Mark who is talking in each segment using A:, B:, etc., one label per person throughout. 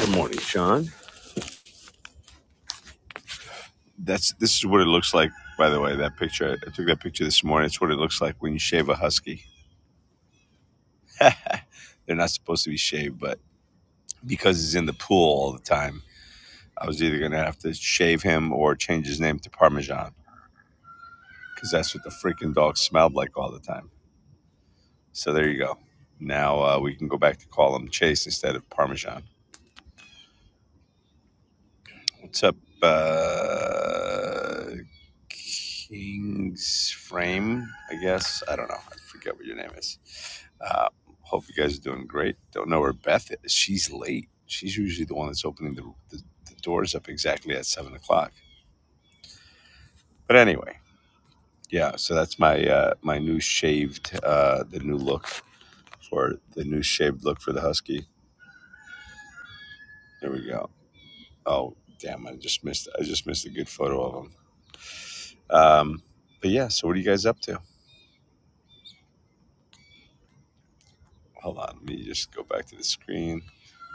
A: Good morning, Sean. That's this is what it looks like. By the way, that picture I took that picture this morning. It's what it looks like when you shave a husky. They're not supposed to be shaved, but because he's in the pool all the time, I was either going to have to shave him or change his name to Parmesan because that's what the freaking dog smelled like all the time. So there you go. Now uh, we can go back to call him Chase instead of Parmesan. What's up, uh, King's Frame? I guess I don't know. I forget what your name is. Uh, hope you guys are doing great. Don't know where Beth is. She's late. She's usually the one that's opening the, the, the doors up exactly at seven o'clock. But anyway, yeah. So that's my uh, my new shaved uh, the new look for the new shaved look for the husky. There we go. Oh damn! I just missed I just missed a good photo of him. Um, but yeah. So what are you guys up to? Hold on, let me just go back to the screen.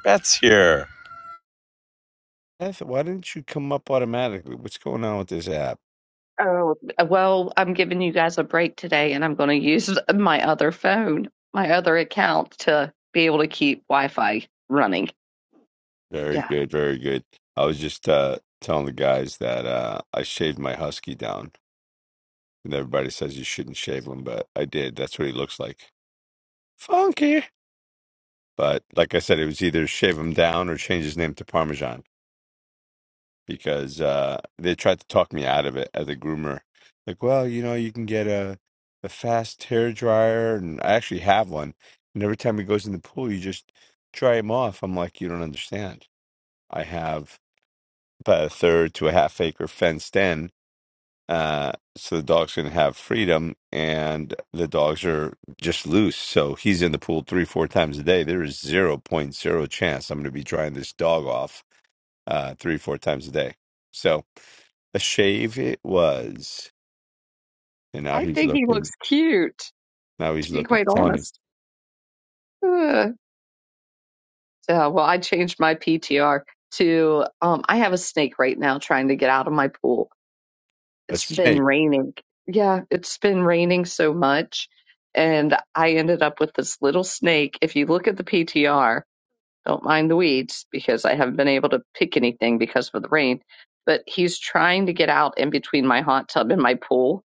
A: Beth's here. Beth, why didn't you come up automatically? What's going on with this app?
B: Oh, well, I'm giving you guys a break today and I'm going to use my other phone, my other account to be able to keep Wi-Fi running.
A: Very
B: Yeah.
A: good, very good. I was just uh, telling the guys that uh, I shaved my husky down, and everybody says you shouldn't shave him, but I did. That's what he looks like. Funky. But like I said, it was either shave him down or change his name to Parmesan. because uh, they tried to talk me out of it as a groomer. Like, well, you know, you can get a a fast hair dryer, and I actually have one. And every time he goes in the pool, you just dry him off. I'm like, you don't understand. I have about a third to a half acre fenced in, uh, so the dogs can have freedom, and the dogs are just loose. So he's in the pool three, four times a day. There is zero point zero chance I'm going to be drying this dog off uh, three, four times a day. So a shave it was. And now
B: I
A: he's
B: think he looks
A: looking
B: cute,
A: now he's
B: to be
A: looking
B: quite
A: funny.
B: honest. Uh, so, well, I changed my PTR to um I have a snake right now trying to get out of my pool.
A: A
B: It's been
A: snake.
B: raining. Yeah, it's been raining so much and I ended up with this little snake. If you look at the PTR, Don't mind the weeds because I haven't been able to pick anything because of the rain. But he's trying to get out in between my hot tub and my pool.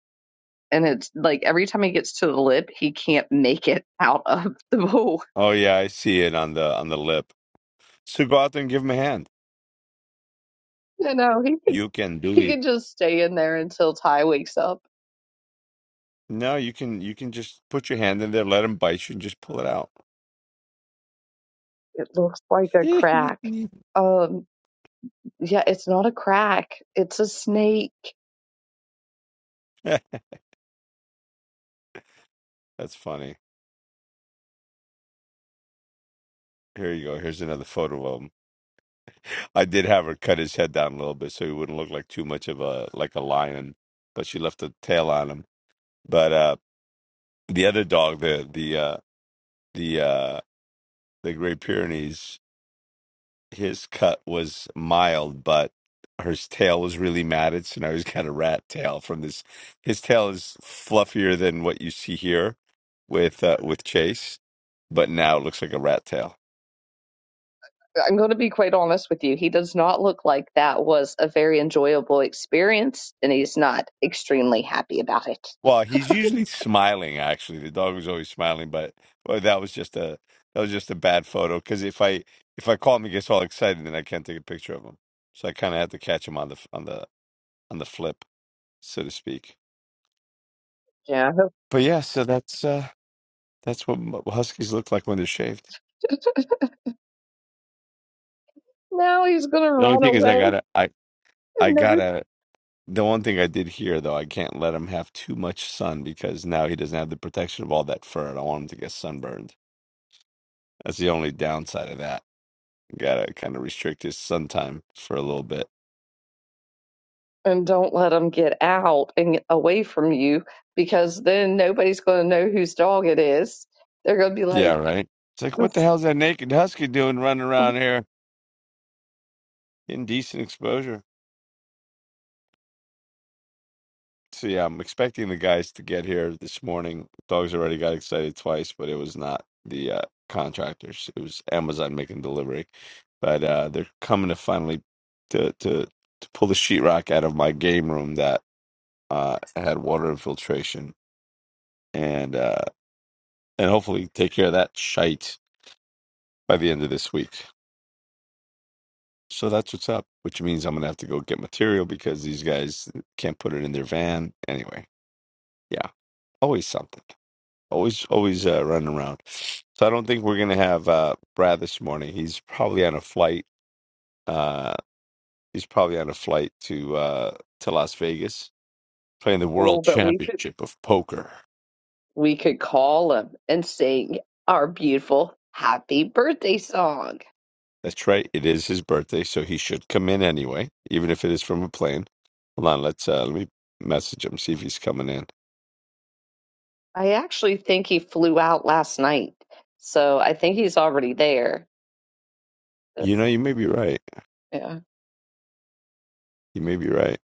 B: And it's like every time he gets to the lip, he can't make it out of the pool.
A: Oh yeah, I see it on the on the lip. So go out there and give him a hand.
B: You know, he could
A: You can do
B: he
A: it.
B: could just stay in there until Ty wakes up.
A: No, you can you can just put your hand in there, let him bite you and just pull it out.
B: It looks like a crack. Um, yeah, it's not a crack. It's a snake.
A: That's funny. Here you go. Here's another photo of him. I did have her cut his head down a little bit so he wouldn't look like too much of a like a lion, but she left a tail on him. But uh the other dog, the the uh the uh the Great Pyrenees his cut was mild, but her tail was really matted. So now he's got a rat tail from this. His tail is fluffier than what you see here with uh, with Chase, but now it looks like a rat tail.
B: I'm going to be quite honest with you. He does not look like that was a very enjoyable experience, and he's not extremely happy about it.
A: Well, he's usually smiling. Actually, the dog was always smiling, but well, that was just a that was just a bad photo. Because if I if I call him, he gets all excited, and I can't take a picture of him. So I kind of had to catch him on the on the on the flip, so to speak.
B: Yeah.
A: But yeah, so that's uh That's what m- huskies look like when they're shaved.
B: Now he's gonna
A: The only
B: run
A: thing is,
B: away
A: I gotta, I, I
B: and nobody
A: gotta. The one thing I did here, though, I can't let him have too much sun because now he doesn't have the protection of all that fur. I don't want him to get sunburned. That's the only downside of that. Gotta kind of restrict his sun time for a little bit.
B: and don't let him get out and get away from you because then nobody's gonna know whose dog it is. They're gonna be
A: Yeah,
B: like,
A: right. It's like, what the hell's that naked husky doing running around here? Indecent exposure. So yeah, I'm expecting the guys to get here this morning. Dogs already got excited twice, but it was not the uh, contractors. It was Amazon making delivery. But uh, they're coming to finally to to to pull the sheetrock out of my game room that uh, had water infiltration and uh, and hopefully take care of that shite by the end of this week. So that's what's up, which means I'm gonna have to go get material because these guys can't put it in their van anyway. Yeah, always something. Always, always uh, running around. So I don't think we're gonna have uh, Brad this morning. He's probably on a flight. Uh, he's probably on a flight to uh, to Las Vegas playing the
B: "Oh,
A: World
B: but we could
A: Championship of Poker.
B: we could call him and sing our beautiful happy birthday song."
A: That's right. It is his birthday, so he should come in anyway, even if it is from a plane. Hold on. Let's uh, let me message him see if he's coming in.
B: I actually think he flew out last night, so I think he's already there.
A: You
B: Yes,
A: know, you may be right.
B: Yeah,
A: You may be right.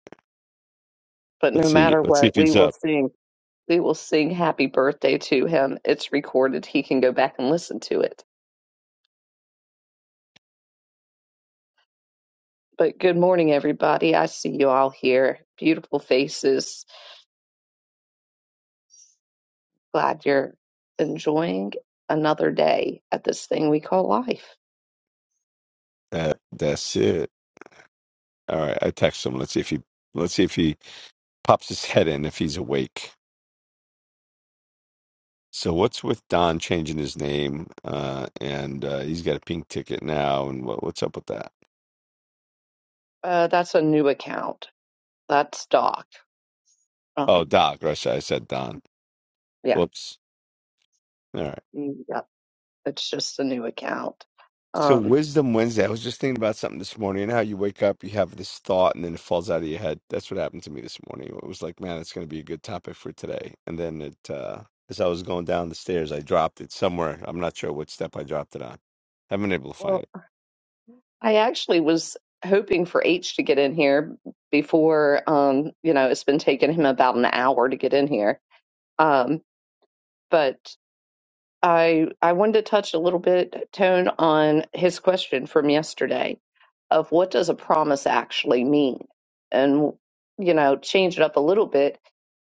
B: but
A: Let's
B: no
A: see.
B: matter
A: Let's see if
B: what, we
A: he's
B: will
A: up.
B: sing. We will sing happy birthday to him. It's recorded. He can go back and listen to it. But good morning, everybody. I see you all here. Beautiful faces. Glad you're enjoying another day at this thing we call life.
A: That that's it. All right. I text him. Let's see if he. Let's see if he pops his head in if he's awake. So what's with Don changing his name? Uh, and uh, he's got a pink ticket now. And what, what's up with that?
B: Uh, that's a new account. That's Doc.
A: Oh,
B: Um,
A: Doc. Or I said, I said Don.
B: yeah,
A: Whoops. All right.
B: mm, yeah. It's just a new account.
A: So
B: Um,
A: Wisdom Wednesday. I was just thinking about something this morning. And how you wake up, you have this thought, and then it falls out of your head. That's what happened to me this morning. It was like, man, it's going to be a good topic for today. And then it, uh, as I was going down the stairs, I dropped it somewhere. I'm not sure what step I dropped it on. Haven't been able to
B: well,
A: find it.
B: I actually was hoping for H to get in here before, um, you know, it's been taking him about an hour to get in here. Um, but I I wanted to touch a little bit, Tone, on his question from yesterday of what does a promise actually mean? And, you know, change it up a little bit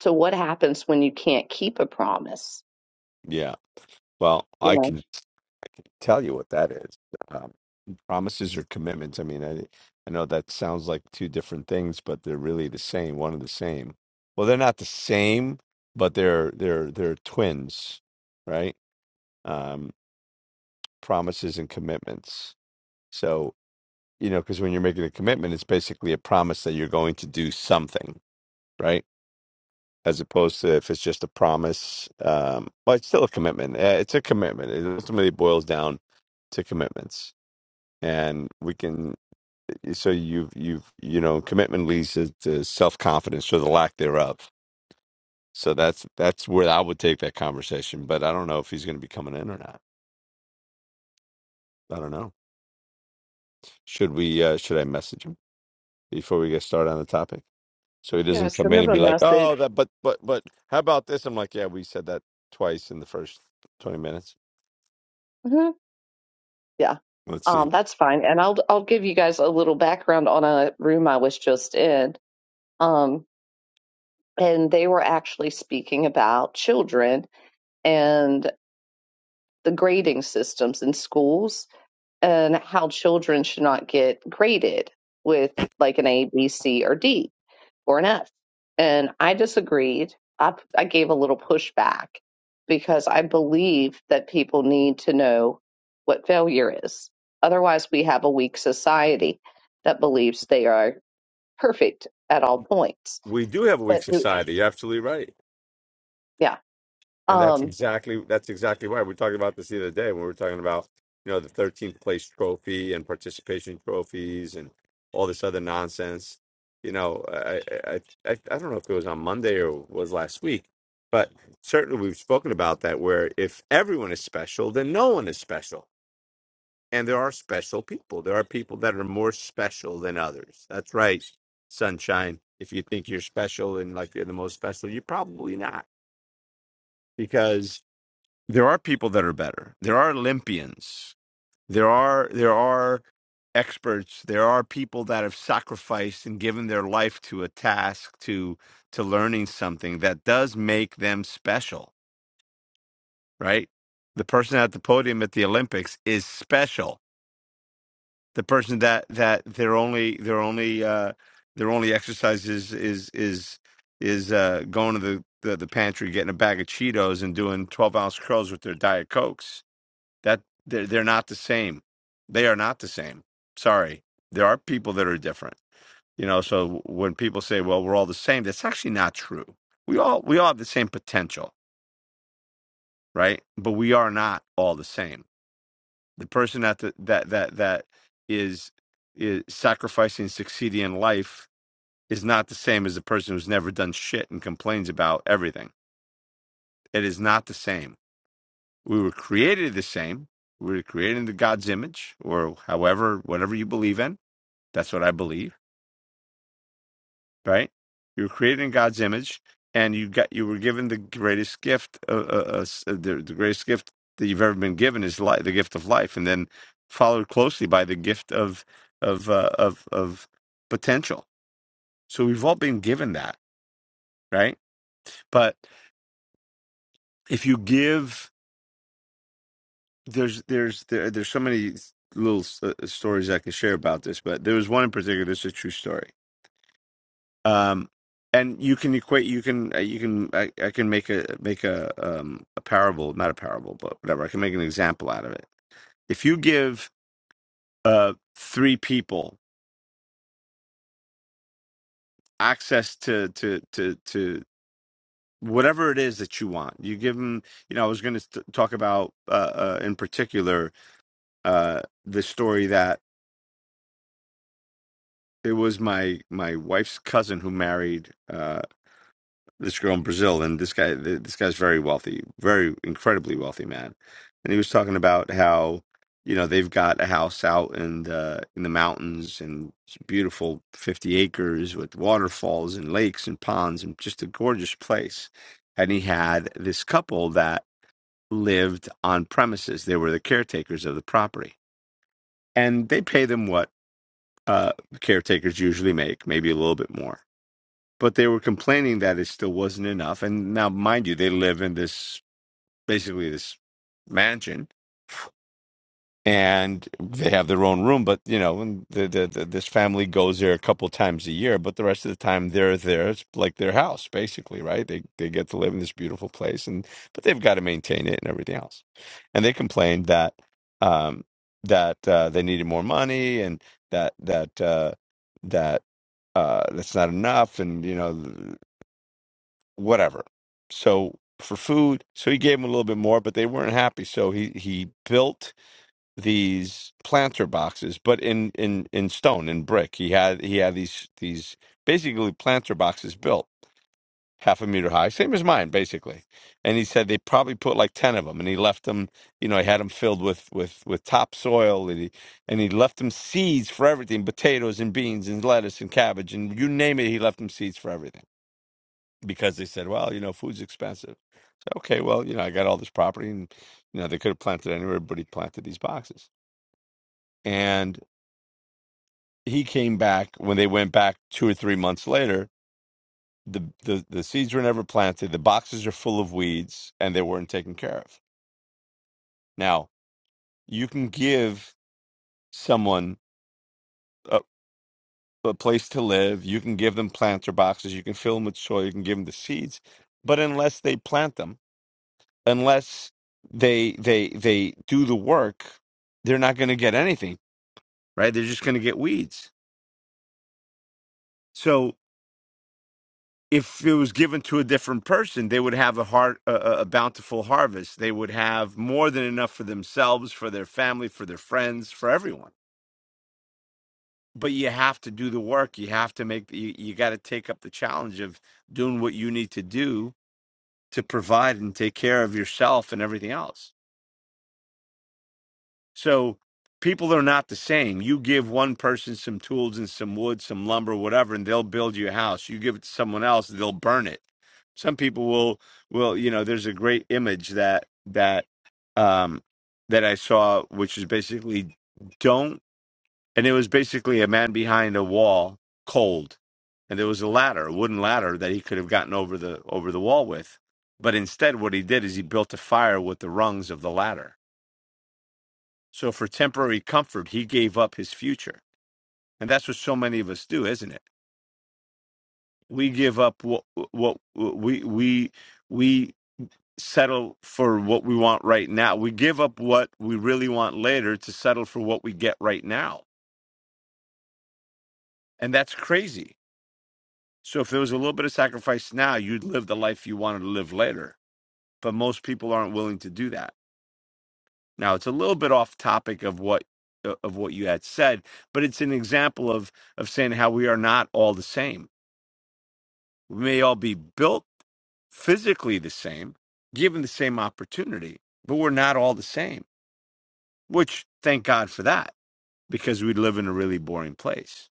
B: to what happens when you can't keep a promise,
A: Yeah. Well,
B: you
A: I
B: know?
A: can, I can tell you what that is. Um, Promises or commitments? I mean, I I know that sounds like two different things, but they're really the same, one and the same. Well, they're not the same, but they're they're they're twins, right? Um, promises and commitments. So, you know, because when you're making a commitment, it's basically a promise that you're going to do something, right? As opposed to if it's just a promise, um, well, it's still a commitment. Uh, It's a commitment. It ultimately boils down to commitments and we can so you've you've you know commitment leads to, to self-confidence or the lack thereof so that's that's where i would take that conversation but i don't know if he's going to be coming in or not i don't know should we uh should i message him before we get started on the topic so he
B: Yeah,
A: doesn't come
B: send
A: in
B: him
A: and
B: a
A: be like
B: message.
A: oh that but but but how about this i'm like yeah we said that twice in the first 20 minutes
B: Yeah.
A: let's
B: Um,
A: see
B: that's fine. And I'll I'll give you guys a little background on a room I was just in. Um, and they were actually speaking about children and the grading systems in schools and how children should not get graded with like an A, B, C, or D or an F. And I disagreed. I, I gave a little pushback because I believe that people need to know what failure is. Otherwise, we have a weak society that believes they are perfect at all points.
A: we do have a weak
B: But
A: society you're absolutely right
B: yeah,
A: And that's
B: um,
A: exactly that's exactly why we talked about this the other day when we were talking about you know the 13th place trophy and participation trophies and all this other nonsense. You know, I I I, I I don't know if it was on Monday or was last week, but certainly we've spoken about that. Where if everyone is special, then no one is special, and there are special people. There are people that are more special than others. That's right, sunshine. If you think you're special and like you're the most special, you're probably not because there are people that are better. There are Olympians. There are there are experts. There are people that have sacrificed and given their life to a task to to learning something that does make them special, right? The person at the podium at the Olympics is special. The person that that their only their only uh their only exercise is is is is uh going to the the, the pantry getting a bag of Cheetos and doing twelve ounce curls with their diet cokes that they're, they're not the same they are not the same sorry there are people that are different you know so when people say well we're all the same that's actually not true we all we all have the same potential right but we are not all the same the person that the, that that that is is sacrificing succeeding in life is not the same as the person who's never done shit and complains about everything it is not the same we were created the same we were created in the god's image or however whatever you believe in That's what I believe, right? You were created in God's image, and you got you were given the greatest gift, uh, uh, uh, s- uh, the, the greatest gift that you've ever been given is life, the gift of life, and then followed closely by the gift of of uh, of of potential. So we've all been given that, right? But if you give, there's there's there, there's so many little uh, stories I could share about this, but there was one in particular. This is a true story um and you can equate you can uh, you can I, I can make a make a um a parable not a parable but whatever i can make an example out of it if you give uh three people access to to to to whatever it is that you want you give them you know i was going to talk about uh, uh in particular uh the story that it was my my wife's cousin who married uh, this girl in Brazil, and this guy, th- this guy's very wealthy, very incredibly wealthy man, and he was talking about how you know they've got a house out in the in the mountains and it's beautiful fifty acres with waterfalls and lakes and ponds and just a gorgeous place, and he had this couple that lived on premises. They were the caretakers of the property, and they pay them what uh, caretakers usually make, maybe a little bit more but they were complaining that it still wasn't enough. And now, mind you, they live in this basically this mansion, and they have their own room. But you know, and the, the, the, this family goes there a couple times a year, but the rest of the time they're there. It's like their house, basically, right? They they get to live in this beautiful place, and but they've got to maintain it and everything else. And they complained that um, that uh, they needed more money and that that uh, that uh, that's not enough, and you know whatever. So for food, so he gave them a little bit more, but they weren't happy. So he he built these planter boxes, but in in in stone in brick. He had he had these these basically planter boxes built half a meter high, same as mine basically. And he said they probably put like ten of them, and he left them. You know, he had them filled with with with topsoil, and he and he left them seeds for everything: potatoes and beans and lettuce and cabbage and you name it. He left them seeds for everything because they said, well, you know, food's expensive okay, well, you know, I got all this property and, you know, they could have planted anywhere, but he planted these boxes. And he came back when they went back two or three months later, the, the, the seeds were never planted. The boxes are full of weeds and they weren't taken care of. Now, you can give someone a, a place to live. You can give them planter boxes. You can fill them with soil. You can give them the seeds. But unless they plant them, unless they they they do the work, they're not going to get anything right? They're just going to get weeds. So if it was given to a different person, they would have a har a, a a bountiful harvest. They would have more than enough for themselves, for their family, for their friends, for everyone. But you have to do the work. You have to make. You, you got to take up the challenge of doing what you need to do to provide and take care of yourself and everything else. So people are not the same. You give one person some tools and some wood, some lumber, whatever, and they'll build you a house. You give it to someone else, they'll burn it. Some people will will, you know, there's a great image that that um that I saw which is basically don't and it was basically a man behind a wall cold and there was a ladder, a wooden ladder that he could have gotten over the over the wall with. But instead what he did is he built a fire with the rungs of the ladder so for temporary comfort, he gave up his future, and that's what so many of us do, isn't it? We give up what what we we we settle for what we want right now. We give up what we really want later to settle for what we get right now, and that's crazy. So if there was a little bit of sacrifice now, you'd live the life you wanted to live later. But most people aren't willing to do that. Now it's a little bit off topic of what uh, of what you had said, but it's an example of of saying how we are not all the same We may all be built physically the same, given the same opportunity, but we're not all the same, which thank God for that because we live in a really boring place.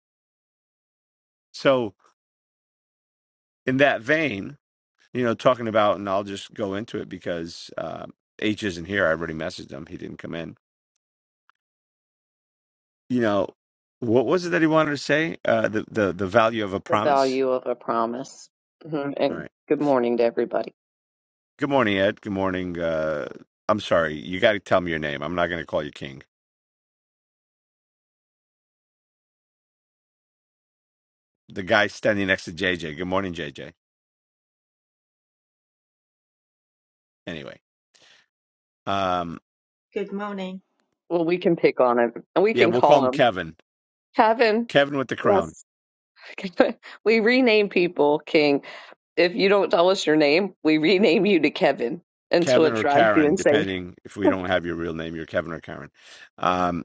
A: So, in that vein, you know, talking about, and I'll just go into it because uh, H isn't here. I already messaged him, he didn't come in. You know, what was it that he wanted to say? Uh, the, the, the value of a
B: the
A: promise.
B: value of a promise. Mhm.
A: All
B: And
A: right.
B: good morning to everybody.
A: Good morning, Ed. Good morning. Uh, I'm sorry. You got to tell me your name. I'm not going to call you King. the guy standing next to JJ. Good morning, JJ. Anyway, um,
C: Good morning.
B: Well, we can pick on him and we
A: yeah,
B: can
A: we'll call
B: call
A: him
B: him
A: Kevin.
B: Kevin.
A: Kevin with the crown.
B: Yes. we rename people If you don't tell us your name, we rename you to Kevin until
A: Kevin
B: it
A: or
B: drives you
A: Karen,
B: insane.
A: depending if we don't have your real name, you're Kevin or Karen. Um,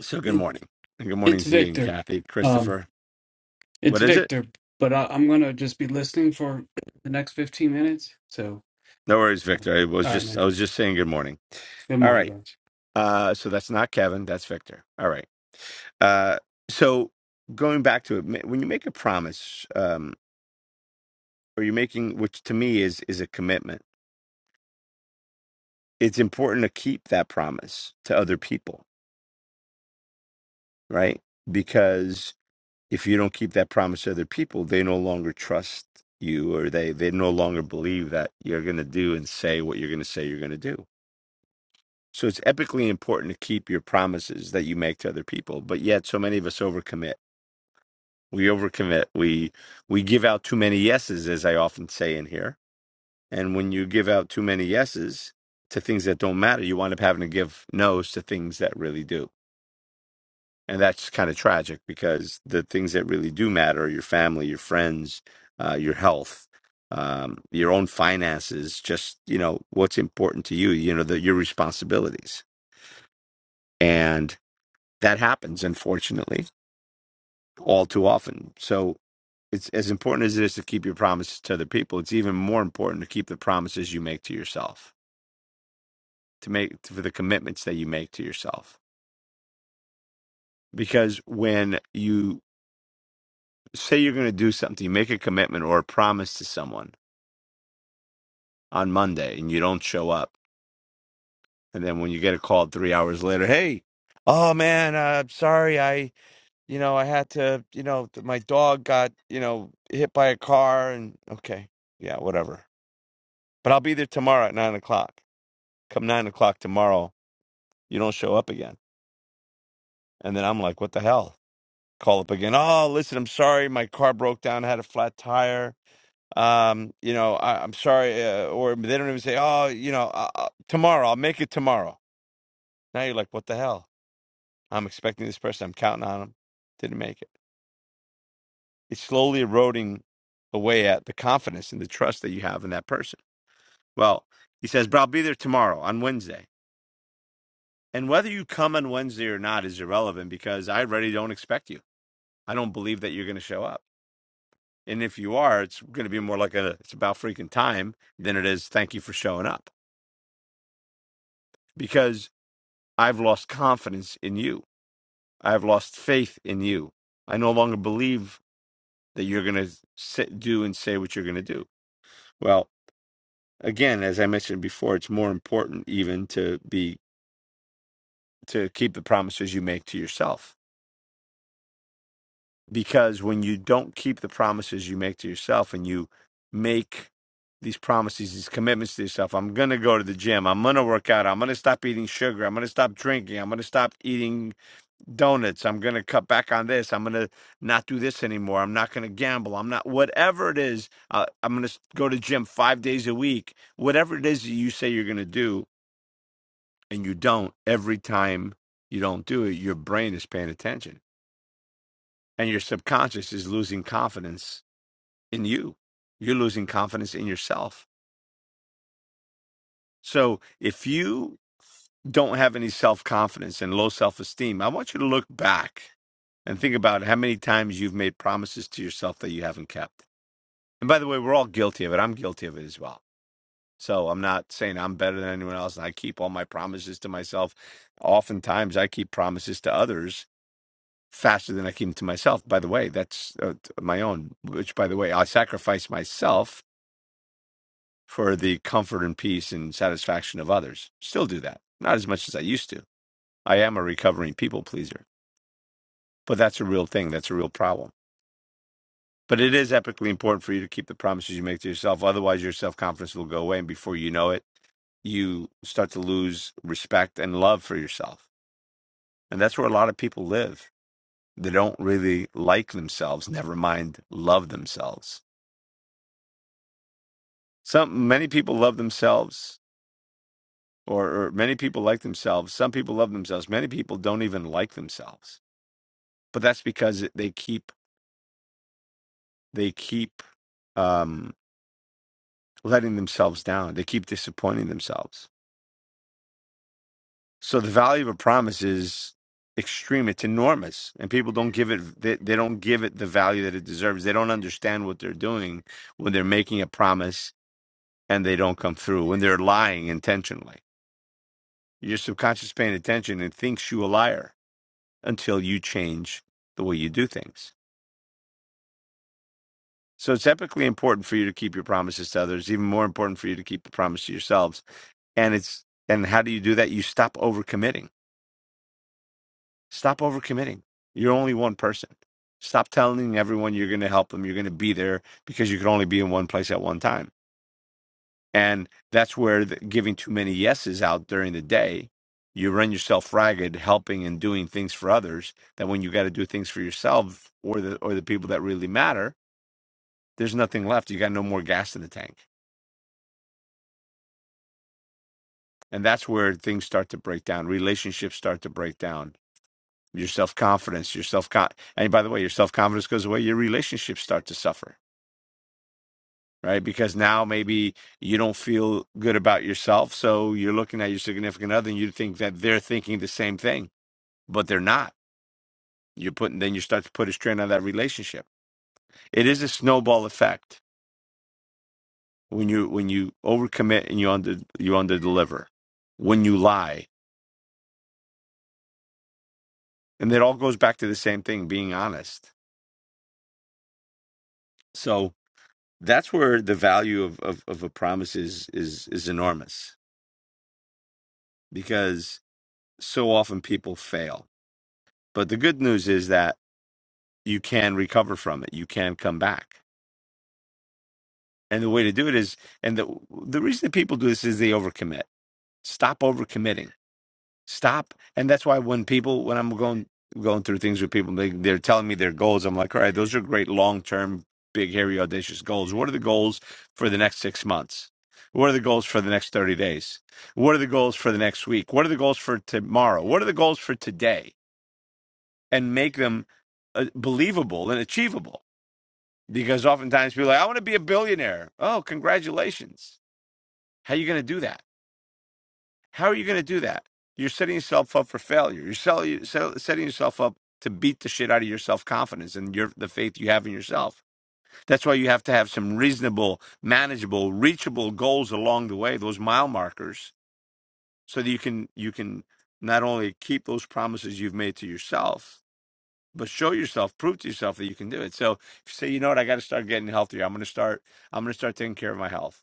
A: so good
D: It,
A: morning. And good morning,
D: it's
A: Z and
D: Victor.
A: Kathy,
D: Um,
A: Christopher.
D: it's
A: What is it?
D: Victor, but I, I'm gonna just be listening for the next 15 minutes. So,
A: No worries, Victor. I was
D: all right,
A: just
D: man.
A: I was just saying good morning.
D: Good
A: All
D: morning,
A: right.
D: guys.
A: Uh, so that's not Kevin. That's Victor. All right. Uh, so going back to it, ma- when you make a promise, um, or you're making, which to me is is a commitment it's important to keep that promise to other people, right? Because if you don't keep that promise to other people, they no longer trust you or they they no longer believe that you're going to do and say what you're going to say you're going to do. So it's epically important to keep your promises that you make to other people, but yet so many of us overcommit. We overcommit. We we give out too many yeses as I often say in here. And when you give out too many yeses to things that don't matter, you wind up having to give no's to things that really do and that's kind of tragic because the things that really do matter are your family your friends uh, your health um, your own finances just you know what's important to you you know the, your responsibilities and that happens unfortunately all too often so it's as important as it is to keep your promises to other people it's even more important to keep the promises you make to yourself to make for the commitments that you make to yourself because when you say you're going to do something you make a commitment or a promise to someone on Monday and you don't show up. And then when you get a call three hours later, hey, oh man, uh, I'm sorry. I, you know, I had to, you know, th- my dog got, you know, hit by a car and okay. Yeah, whatever. But I'll be there tomorrow at nine o'clock. Come nine o'clock tomorrow, you don't show up again. And then I'm like, what the hell? Call up again. Oh, listen, I'm sorry. My car broke down, had a flat tire. Um, you know, I, I'm sorry. Uh, or they don't even say, oh, you know, uh, uh, tomorrow, I'll make it tomorrow. Now you're like, what the hell? I'm expecting this person. I'm counting on them. Didn't make it. It's slowly eroding away at the confidence and the trust that you have in that person. Well, he says, but I'll be there tomorrow on Wednesday. And whether you come on Wednesday or not is irrelevant because I already don't expect you. I don't believe that you're going to show up. And if you are, it's going to be more like a, it's about freaking time than it is thank you for showing up because I've lost confidence in you. I've lost faith in you. I no longer believe that you're going to do and say what you're going to do Well, again, as I mentioned before, it's more important even to be to keep the promises you make to yourself. Because when you don't keep the promises you make to yourself and you make these promises, these commitments to yourself, I'm going to go to the gym. I'm going to work out. I'm going to stop eating sugar. I'm going to stop drinking. I'm going to stop eating donuts. I'm going to cut back on this. I'm going to not do this anymore. I'm not going to gamble. I'm not, whatever it is, uh, I'm going to go to the gym five days a week. Whatever it is that you say you're going to do, and you don't, every time you don't do it, your brain is paying attention and your subconscious is losing confidence in you. You're losing confidence in yourself. So if you don't have any self confidence and low self esteem, I want you to look back and think about how many times you've made promises to yourself that you haven't kept. And by the way, we're all guilty of it. I'm guilty of it as well. So I'm not saying I'm better than anyone else and I keep all my promises to myself. Oftentimes I keep promises to others faster than I came to myself. By the way, that's uh, my own, which, by the way, I sacrifice myself for the comfort and peace and satisfaction of others. Still do that. Not as much as I used to. I am a recovering people pleaser, but that's a real thing. That's a real problem. But it is epically important for you to keep the promises you make to yourself. Otherwise, your self confidence will go away. And before you know it, you start to lose respect and love for yourself. And that's where a lot of people live. They don't really like themselves, never mind love themselves Some many people love themselves, or, or many people like themselves. Some people love themselves. Many people don't even like themselves, but that's because they keep they keep um, letting themselves down. They keep disappointing themselves. So the value of a promise is extreme. It's enormous, and people don't give it they, they don't give it the value that it deserves. They don't understand what they're doing when they're making a promise and they don't come through. When they're lying intentionally, your subconscious paying attention and thinks you a liar until you change the way you do things. So it's epically important for you to keep your promises to others, even more important for you to keep the promise to yourselves. And it's and how do you do that? You stop overcommitting. Stop overcommitting. You're only one person. Stop telling everyone you're going to help them, you're going to be there because you can only be in one place at one time. And that's where the, giving too many yeses out during the day, you run yourself ragged helping and doing things for others that when you got to do things for yourself or the or the people that really matter, there's nothing left. You got no more gas in the tank. And that's where things start to break down. Relationships start to break down. Your self confidence, your self con and by the way, your self confidence goes away, your relationships start to suffer. Right. Because now maybe you don't feel good about yourself. So you're looking at your significant other and you think that they're thinking the same thing, but they're not. You're putting then you start to put a strain on that relationship. It is a snowball effect when you when you overcommit and you under you underdeliver, When you lie, And it all goes back to the same thing, being honest. So that's where the value of, of, of a promise is, is is enormous because so often people fail. But the good news is that you can recover from it. You can come back. And the way to do it is and the the reason that people do this is they overcommit. Stop overcommitting stop and that's why when people when i'm going going through things with people they, they're telling me their goals i'm like all right those are great long-term big hairy audacious goals what are the goals for the next six months what are the goals for the next 30 days what are the goals for the next week what are the goals for tomorrow what are the goals for today and make them uh, believable and achievable because oftentimes people are like i want to be a billionaire oh congratulations how are you going to do that How are you going to do that? You're setting yourself up for failure. You're sell, you sell, setting yourself up to beat the shit out of your self confidence and your the faith you have in yourself. That's why you have to have some reasonable, manageable, reachable goals along the way. Those mile markers, so that you can you can not only keep those promises you've made to yourself, but show yourself, prove to yourself that you can do it. So if you say, you know what, I got to start getting healthier. I'm going to start. I'm going to start taking care of my health.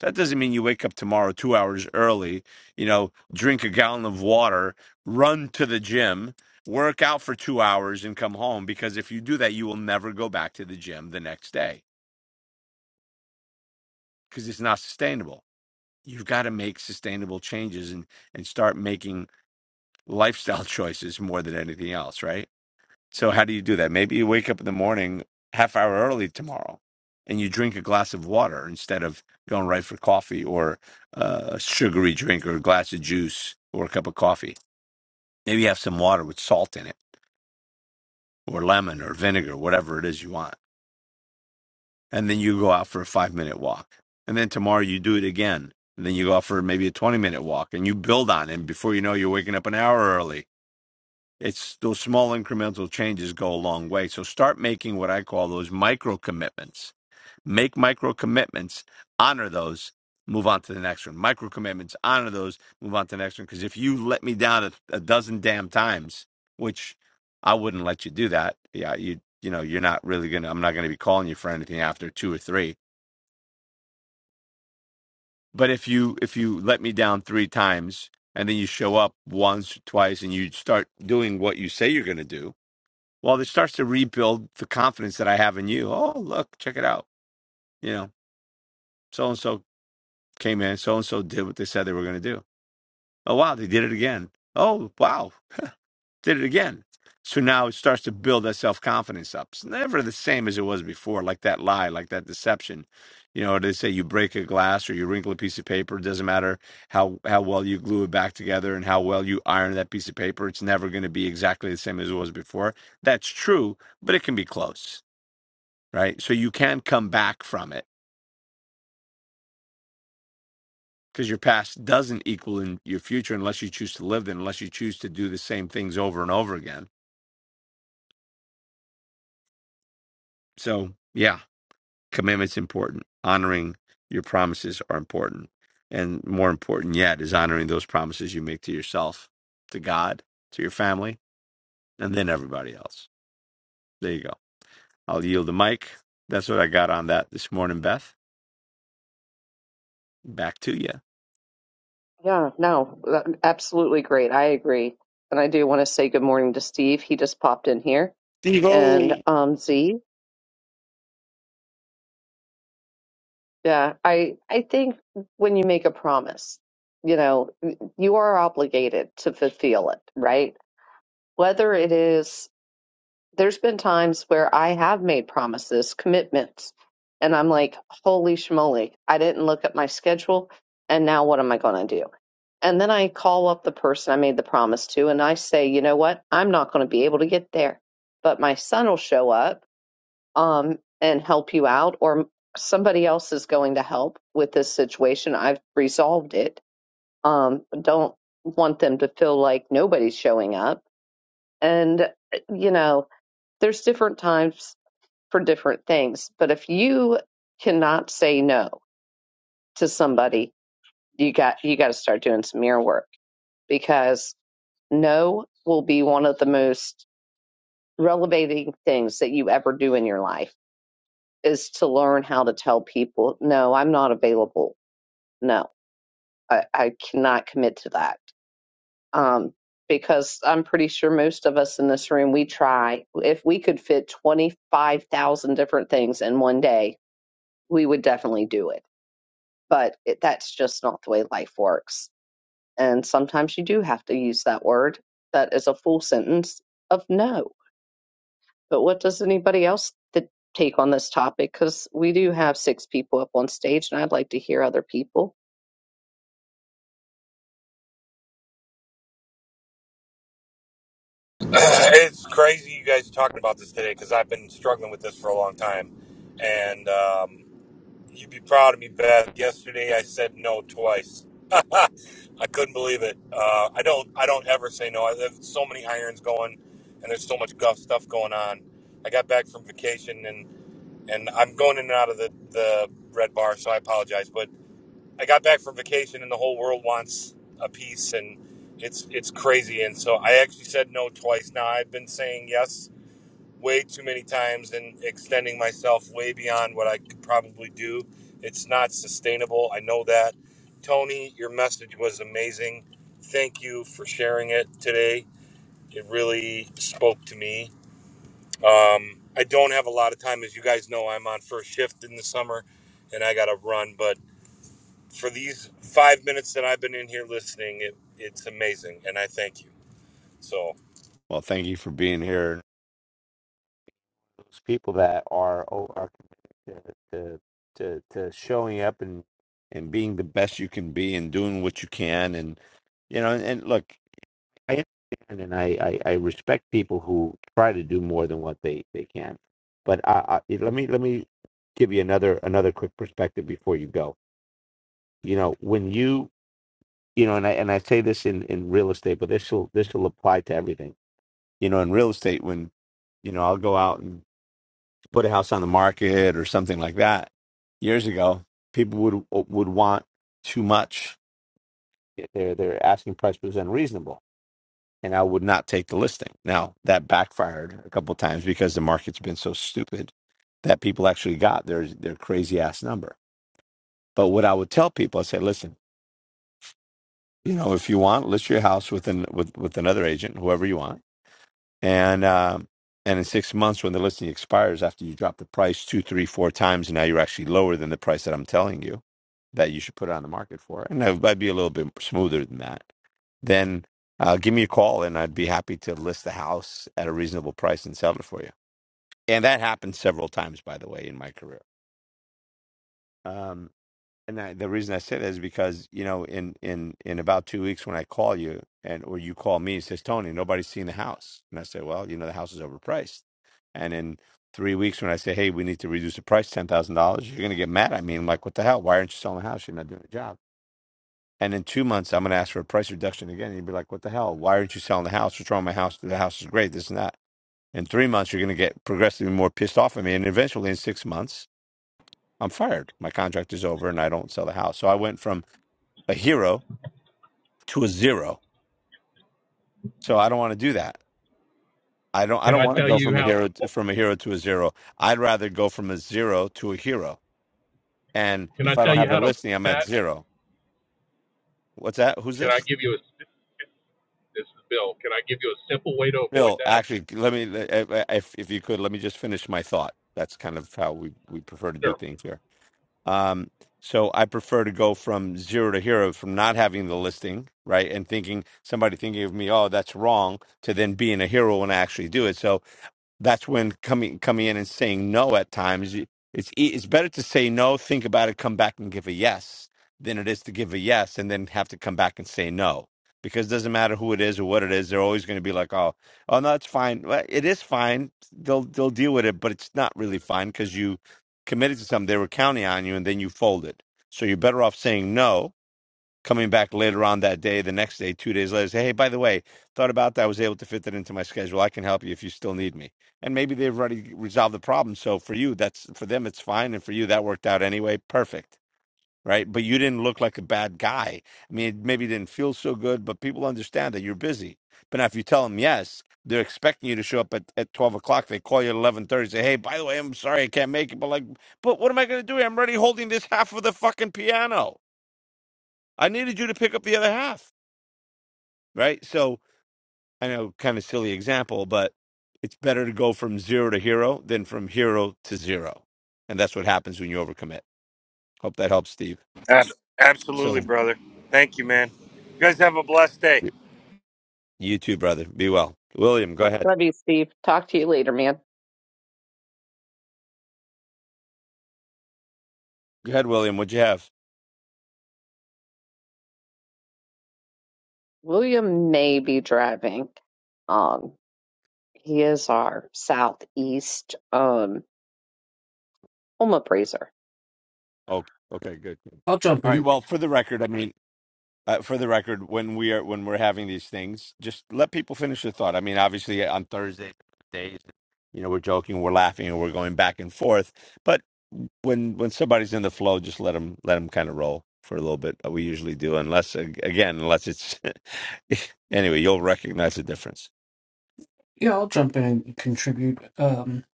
A: That doesn't mean you wake up tomorrow two hours early, you know, drink a gallon of water, run to the gym, work out for two hours, and come home. Because if you do that, you will never go back to the gym the next day because it's not sustainable. You've got to make sustainable changes and, and start making lifestyle choices more than anything else, right? So how do you do that? Maybe you wake up in the morning half hour early tomorrow, and you drink a glass of water instead of going right for coffee or uh, a sugary drink or a glass of juice or a cup of coffee. Maybe you have some water with salt in it or lemon or vinegar, whatever it is you want, and then you go out for a five minute walk, and then tomorrow you do it again. And then you go out for maybe a 20 minute walk and you build on it. And before you know, you're waking up an hour early It's those small incremental changes go a long way. So start making what I call those micro commitments. Make micro commitments, honor those, move on to the next one. Micro commitments, honor those, move on to the next one. Because if you let me down a, a dozen damn times, which I wouldn't let you do that, yeah, you you know you're not really gonna. I'm not gonna be calling you for anything after two or three. But if you if you let me down three times and then you show up once, twice, and you start doing what you say you're gonna do well, it starts to rebuild the confidence that I have in you. Oh, look, check it out. You know, so and so came in, so and so did what they said they were going to do. Oh, wow, they did it again. Oh, wow, did it again. So now it starts to build that self confidence up. It's never the same as it was before, like that lie, like that deception. You know, they say you break a glass or you wrinkle a piece of paper. It doesn't matter how, how well you glue it back together and how well you iron that piece of paper. It's never going to be exactly the same as it was before. That's true, but it can be close right? So you can come back from it because your past doesn't equal in your future unless you choose to live it, unless you choose to do the same things over and over again. So yeah, commitment's important. Honoring your promises are important. And more important yet is honoring those promises you make to yourself, to God, to your family, and then everybody else. There you go. I'll yield the mic. That's what I got on that this morning, Beth. Back to you.
B: Yeah, no, that- absolutely great. I agree. And I do want to say good morning to Steve. He just popped in here.
A: Steve
B: And
A: O.
B: um Z, yeah, I I think when you make a promise, you know, you are obligated to fulfill it, right? Whether it is there's been times where I have made promises, commitments, and I'm like, holy schmoly, I didn't look at my schedule, and now what am I going to do? And then I call up the person I made the promise to, and I say, you know what? I'm not going to be able to get there, but my son will show up um, and help you out, or somebody else is going to help with this situation. I've resolved it. Um, don't want them to feel like nobody's showing up. And, eh, you know, there's different times for different things. But if you cannot say no to somebody, you got you got to start doing some mirror work because no will be one of the most relevating things that you ever do in your life is to learn how to tell people no i'm not available no i, I cannot commit to that um, because i'm pretty sure most of us in this room we try if we could fit 25000 different things in one day we would definitely do it but it, that's just not the way life works. And sometimes you do have to use that word that is a full sentence of no. But what does anybody else th- take on this topic? Because we do have six people up on stage, and I'd like to hear other people.
E: it's crazy you guys are talking about this today because I've been struggling with this for a long time. And um, you'd be proud of me, Beth. Yesterday I said no twice. I couldn't believe it. Uh, I don't. I don't ever say no. I have so many irons going, and there's so much guff stuff going on. I got back from vacation, and and I'm going in and out of the the red bar, so I apologize. But I got back from vacation and the whole world wants a piece and it's it's crazy and so I actually said no twice now I've been saying yes way too many times and extending myself way beyond what I could probably do it's not sustainable I know that Tony your message was amazing thank you for sharing it today it really spoke to me um, I don't have a lot of time as you guys know I'm on first shift in the summer and I gotta run but for these five minutes that I've been in here listening, it, it's amazing, and I thank you. So,
A: Well, thank you for being here those people that are oh, are committed to, to to to showing up and and being the best you can be and doing what you can and you know and, and look I understand and I, I I respect people who try to do more than what they they can but I, I let me let me give you another another quick perspective before you go you know when you you know and I and I say this in in real estate but this will this will apply to everything you know in real estate when you know I'll go out and put a house on the market or something like that years ago, people would uh, would want too much. Their their asking price was unreasonable, and I would not take the listing. Now that backfired a couple of times because the market's been so stupid that people actually got their their crazy ass number. But what I would tell people, I say, listen, you know, if you want, list your house with an with with another agent, whoever you want and um, and in six months when the listing expires after you drop the price two three four times and now you're actually lower than the price that i'm telling you that you should put it on the market for and that might be a little bit smoother than that then uh, give me a call and i'd be happy to list the house at a reasonable price and sell it for you and that happened several times by the way in my career Um, and I, the reason I say that is because you know, in in in about two weeks when I call you and or you call me, it says Tony, nobody's seen the house, and I say, well, you know, the house is overpriced. And in three weeks when I say, hey, we need to reduce the price ten thousand dollars, you're gonna get mad at me. I'm like, what the hell? Why aren't you selling the house? You're not doing the job. And in two months, I'm gonna ask for a price reduction again. And you'd be like, what the hell? Why aren't you selling the house? What's wrong with my house? The house is great. This and that. In three months, you're gonna get progressively more pissed off at me, and eventually, in six months, I'm fired. My contract is over, and I don't sell the house. So I went from a hero to a zero. So I don't want to do that. I don't I
F: Can
A: don't
F: I
A: want to
F: tell
A: go
F: you
A: from a
F: how? To,
A: hero to, from a hero to a zero. I'd rather go from a zero to a hero. And
F: can I
A: if I
F: tell
A: don't
F: you
A: have the
F: how to
A: listing,
F: avoid
A: I'm at
F: that?
A: zero. What's that? Who's
F: Can I
A: this?
F: give you a? This is Bill. Can I give you a simple way to avoid
A: Bill,
F: that?
A: actually, let me uh, uh, if if you could let me just finish my thought. That's kind of how we we prefer to do
F: Sure.
A: things here. Um so I prefer to go from zero to hero from not having the listing, right? And thinking somebody thinking of me, oh, that's wrong, to then being a hero when I actually do it. So that's when coming coming in and saying no at times you- it's e- it's better to say no think about it come back and give a yes than it is to give a yes and then have to come back and say no because it doesn't matter who it is or what it is they're always going to be like oh oh no it's fine well, it is fine they'll they'll deal with it but it's not really fine because you committed to something they were counting on you and then you folded so you're better off saying no coming back later on that day, the next day, two days later, say, hey, by the way, thought about that. I was able to fit that into my schedule. I can help you if you still need me. And maybe they've already resolved the problem. So for you, that's for them, it's fine. And for you, that worked out anyway. Perfect. Right. But you didn't look like a bad guy. I mean, it maybe didn't feel so good, but people understand that you're busy. But now if you tell them yes, they're expecting you to show up at, at 12 o'clock. They call you at 1130, say, hey, by the way, I'm sorry I can't make it. But like, but what am I going to do? I'm already holding this half of the fucking piano I needed you to pick up the other half, right? So I know, kind of silly example, but it's better to go from zero to hero than from hero to zero, and that's what happens when you overcommit. Hope that helps, Steve.
E: Ab- absolutely,
A: So
E: brother. Thank you, man. You guys have a blessed day.
A: you too, brother. Be well, William. Go ahead.
B: Love you, Steve. Talk to you later, man.
A: Go ahead, William. What'd you have?
B: William may be driving. Um, he is our southeast um home appraiser.
A: Oh, okay, good.
D: I'll jump
A: All right.
D: in.
A: Well, for the record, I mean, uh, for the record, when we are when we're having these things, just let people finish their thought. I mean, obviously uh, on Thursday days, you know, we're joking, we're laughing, and we're going back and forth. But when when somebody's in the flow, just let them let them kind of roll for a little bit. uh, We usually do, unless ag- again, unless it's anyway, you'll recognize the difference.
D: Yeah, I'll jump in and contribute. Um,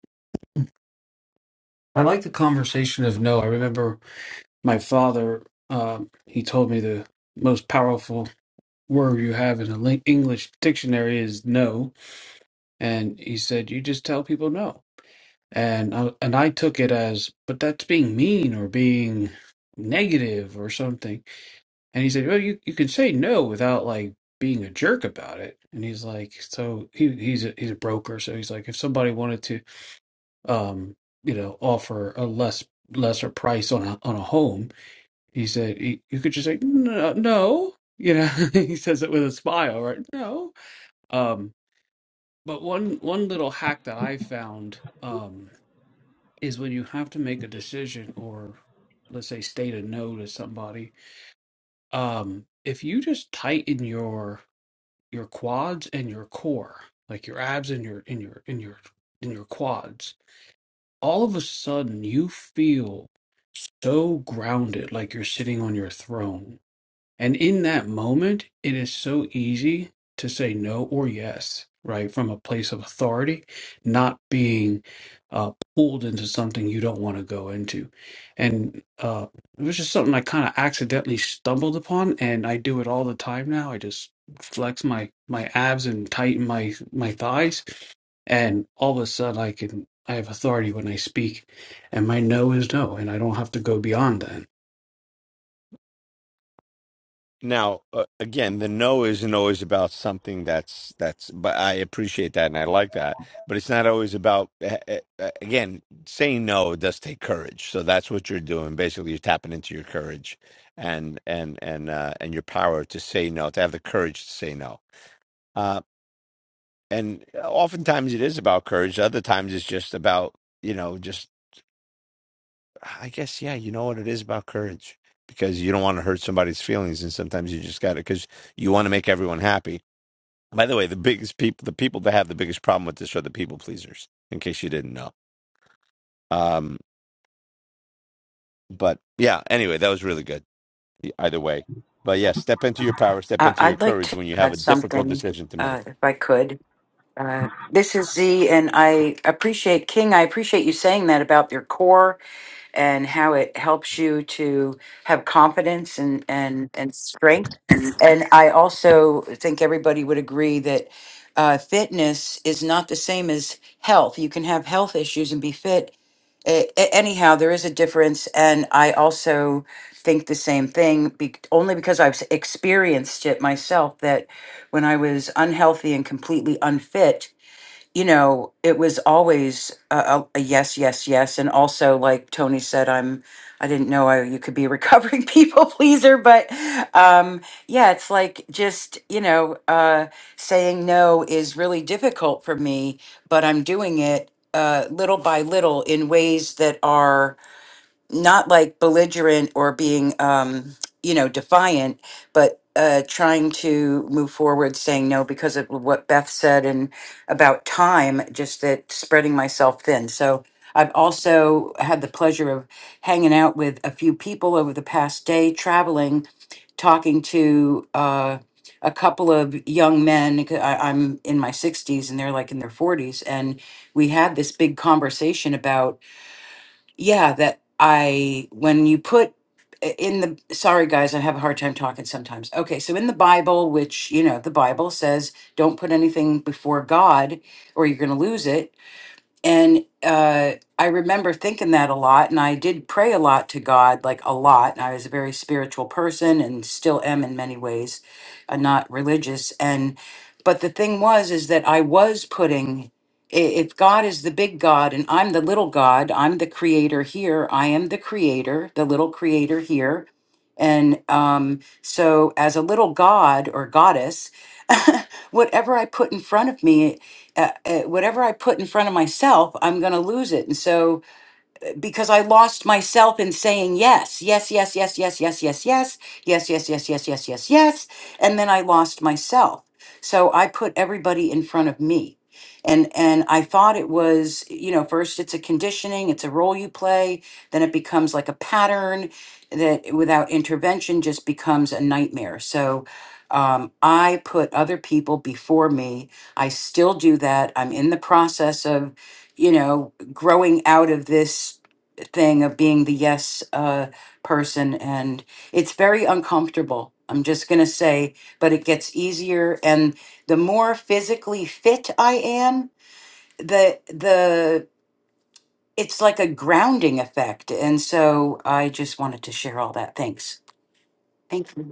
D: I like the conversation of no. I remember my father. Um, he told me the most powerful word you have in the English dictionary is no, and he said you just tell people no. and I, and I took it as, but that's being mean or being negative or something. And he said, well, you you can say no without like being a jerk about it. And he's like, so he he's a, he's a broker, so he's like, if somebody wanted to, um, you know, offer a less lesser price on a on a home, he said he, you could just say no, no. You know, he says it with a smile, right? No. Um, but one one little hack that I found. Um, is when you have to make a decision or let's say state a no to somebody um if you just tighten your your quads and your core like your abs and your in your in your in your quads all of a sudden you feel so grounded like you're sitting on your throne and in that moment, it is so easy to say no or yes, right? From a place of authority, not being uh, pulled into something you don't want to go into. And uh, it was just something I kind of accidentally stumbled upon, and I do it all the time now. I just flex my my abs and tighten my my thighs, and all of a sudden I can I have authority when I speak, and my no is no, and I don't have to go beyond that.
A: Now, uh, again, the no isn't always about something that's that's. But I appreciate that and I like that. But it's not always about. Uh, uh, again, saying no does take courage. So that's what you're doing. Basically, you're tapping into your courage and and and uh, and your power to say no, to have the courage to say no. Uh, and uh, oftentimes it is about courage. Other times it's just about you know just. I guess yeah, you know what it is about courage because you don't want to hurt somebody's feelings, and sometimes you just got to because you want to make everyone happy By the way, the biggest people, the people that have the biggest problem with this are the people pleasers. In case you didn't know. Um, but yeah. Anyway, that was really good. e- Either way, but yeah, step into your power, step
G: I-
A: into your
G: I'd like
A: courage
G: to
A: when you have a
G: add
A: difficult
G: something,
A: decision to make.
G: uh, if I could. Uh, this is Z, and I appreciate King. I appreciate you saying that about your core and how it helps you to have confidence and and and strength. And I also think everybody would agree that uh, fitness is not the same as health. You can have health issues and be fit. A- a- anyhow, there is a difference, and I also think the same thing, be- only because I've s- experienced it myself. That when I was unhealthy and completely unfit, you know, it was always a, a, a yes, yes, yes. And also, like Tony said, I'm, I didn't know I, you could be a recovering people pleaser, but um, yeah, it's like just, you know, uh, saying no is really difficult for me, but I'm doing it uh, little by little in ways that are not like belligerent or being um you know defiant but uh trying to move forward saying no because of what beth said and about time just that spreading myself thin so i've also had the pleasure of hanging out with a few people over the past day traveling talking to uh a couple of young men. c- I, i'm in my 60s and they're like in their 40s and we had this big conversation about yeah that i when you put in the sorry guys i have a hard time talking sometimes okay so in the bible which you know the bible says don't put anything before god or you're going to lose it and uh, I remember thinking that a lot, and I did pray a lot to God, like a lot. And I was a very spiritual person, and still am in many ways, uh, not religious. And but the thing was, is that I was putting, i- if God is the big God and I'm the little God, I'm the creator here. I am the creator, the little creator here. And um, so, as a little God or goddess, whatever I put in front of me uh, uh, whatever I put in front of myself, I'm going to lose it. And so because I lost myself in saying yes, yes, yes, yes, yes, yes, yes, yes, yes, yes, yes, yes, yes, yes, yes. And then I lost myself. So I put everybody in front of me. And and I thought it was, you know, first it's a conditioning, it's a role you play, then it becomes like a pattern that without intervention just becomes a nightmare. So um, I put other people before me. I still do that. I'm in the process of, you know, growing out of this thing of being the yes uh, person. And it's very uncomfortable, I'm just going to say, but it gets easier. And the more physically fit I am, the, the, it's like a grounding effect. And so I just wanted to share all that. Thanks. Thank you.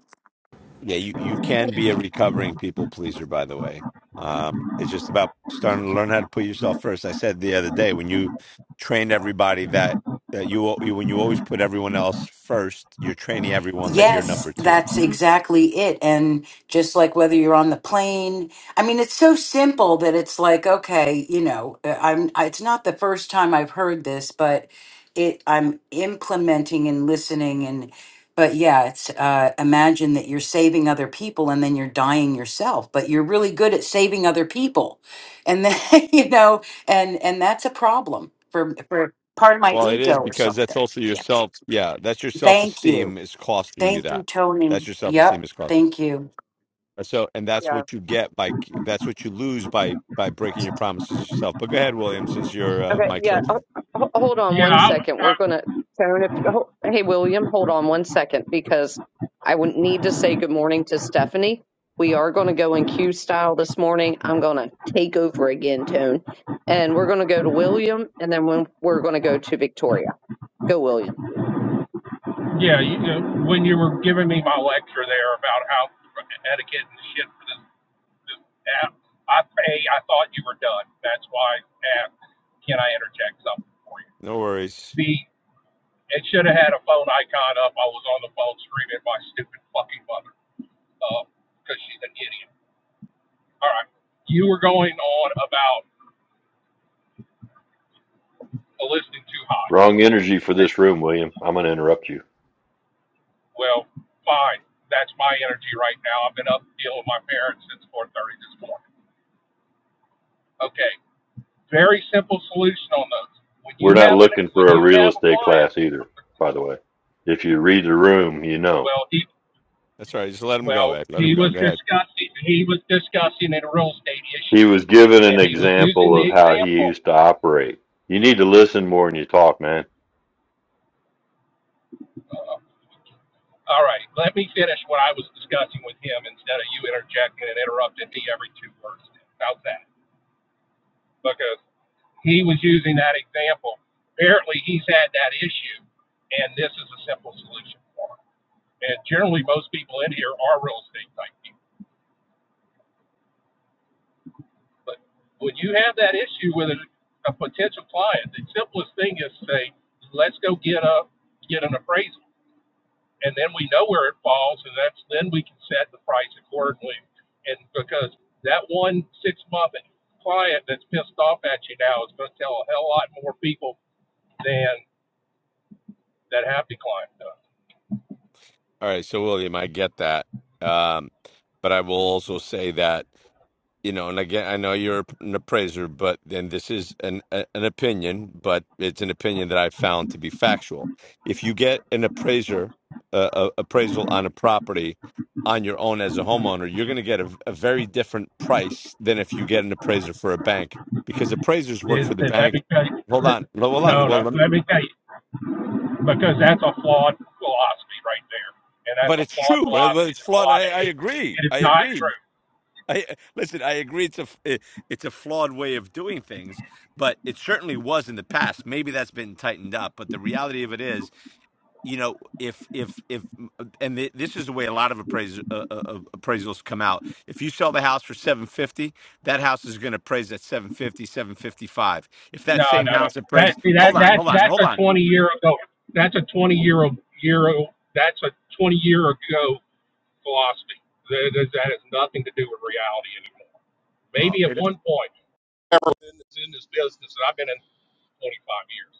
A: Yeah, you you can be a recovering people pleaser. By the way, um, it's just about starting to learn how to put yourself first. I said the other day when you train everybody that that you, al- you when you always put everyone else first, you're training everyone that you're
G: Yes,
A: number two
G: that's exactly it. And just like whether you're on the plane, I mean, it's so simple that it's like, okay, you know, uh, I'm, I- it's not the first time I've heard this, but it, I'm implementing and listening and, but yeah, it's, uh, imagine that you're saving other people and then you're dying yourself, but you're really good at saving other people. And then, you know, and, and that's a problem for, for part of my
A: Well, it
G: ego
A: is
G: or
A: because that's
G: something.
A: also your
G: Yes.
A: self. Yeah, that's your self
G: Thank you.
A: esteem is costing you
G: Thank you,
A: that. That's
G: Tony.
A: your self esteem
G: Yep,
A: is costing.
G: thank you.
A: You. So, and that's what you get by that's what you lose by by breaking your promises yourself. But go ahead, William, since your uh,
B: Okay,
A: mic's
B: yeah. ho-
A: open.
B: ho- Hold on
F: Yeah,
B: one
F: I,
B: second.
F: I,
B: We're gonna Tone. If you, ho- hey William, hold on one second because I would need to say good morning to Stephanie. We are going to go in Q style this morning. I'm going to take over again, Tone, and we're going to go to William, and then when we're going to go to Victoria. Go, William.
F: yeah. You, uh, when you were giving me my lecture there about how etiquette and shit for this, this app, I a, I thought you were done. That's why I asked, can I interject something for you?
A: No worries.
F: B. it should have had a phone icon up. I was on the phone screaming at my stupid fucking mother because uh, she's an idiot. All right, you were going on about. a listening to hockey.
H: Wrong energy for
F: That
H: this room, William. I'm going to interrupt you.
F: well, fine. That's my energy right now. I've been up dealing with my parents since 4:30 this morning. Okay, very simple solution on those. When
H: We're
F: you
H: not
F: have an
H: looking for
F: when
H: a
F: you
H: real
F: have a
H: estate
F: client,
H: class either, by the way. If you read the room, you know.
F: well he
A: That's all right. Just let him go,
F: well
A: Ed. Let him
F: he
A: go.
F: was
A: Go ahead.
F: discussing he was discussing a real estate
H: He
F: issue,
H: was given an
F: and he was using
H: example
F: the
H: of how he
F: example.
H: used to operate. You need to listen more than you talk, man.
F: Uh, all right, let me finish what I was discussing with him instead of you interjecting and interrupting me every two words. How's that? Because he was using that example. Apparently, he's had that issue, and this is a simple solution for him. And generally, most people in here are real estate type people. But when you have that issue with a, a potential client, the simplest thing is to say, let's go get a get an appraisal, and then we know where it falls, and that's then we can set the price accordingly. And because that one six month client that's pissed off at you now is going to tell a hell lot more people than that happy client does
A: All right. So, William, I get that. Um, but I will also say that. you know, and again, I know you're an appraiser, but then this is an a, an opinion, but it's an opinion that I found to be factual. If you get an appraiser uh, a, appraisal on a property on your own as a homeowner, you're going to get a, a very different price than if you get an appraiser for a bank because appraisers work for
F: Is
A: the
F: that let
A: bank.
F: me tell you,
A: Hold on, hold on.
F: no, no,
A: Well, lem-
F: let me tell you, because that's a flawed philosophy right there. And that's
A: but
F: a
A: it's
F: flawed
A: true. Well,
F: philosophy
A: It's
F: that a
A: flawed.
F: lot
A: I,
F: of
A: I
F: hate.
A: agree.
F: It is
A: I
F: not
A: agree.
F: true.
A: I listen. I agree. It's a f- it's a flawed way of doing things, but it certainly was in the past. Maybe that's been tightened up, but the reality of it is, you know, if if if and th- this is the way a lot of appraise, uh, uh, uh, appraisals come out. If you sell the house for seven fifty, that house is going to appraise at seven fifty, seven fifty five. If that
F: No,
A: same
F: no, no.
A: house
F: That,
A: appraised,
F: see,
A: hold
F: that,
A: on,
F: that,
A: hold on,
F: that's
A: hold
F: a
A: on.
F: 20 year ago. That's a 20 year ago. That's a 20 year ago philosophy. That, that that has nothing to do with reality anymore.
A: Well,
F: Maybe at
A: it,
F: one point, I was in this, in this business, and I've been in 25 years.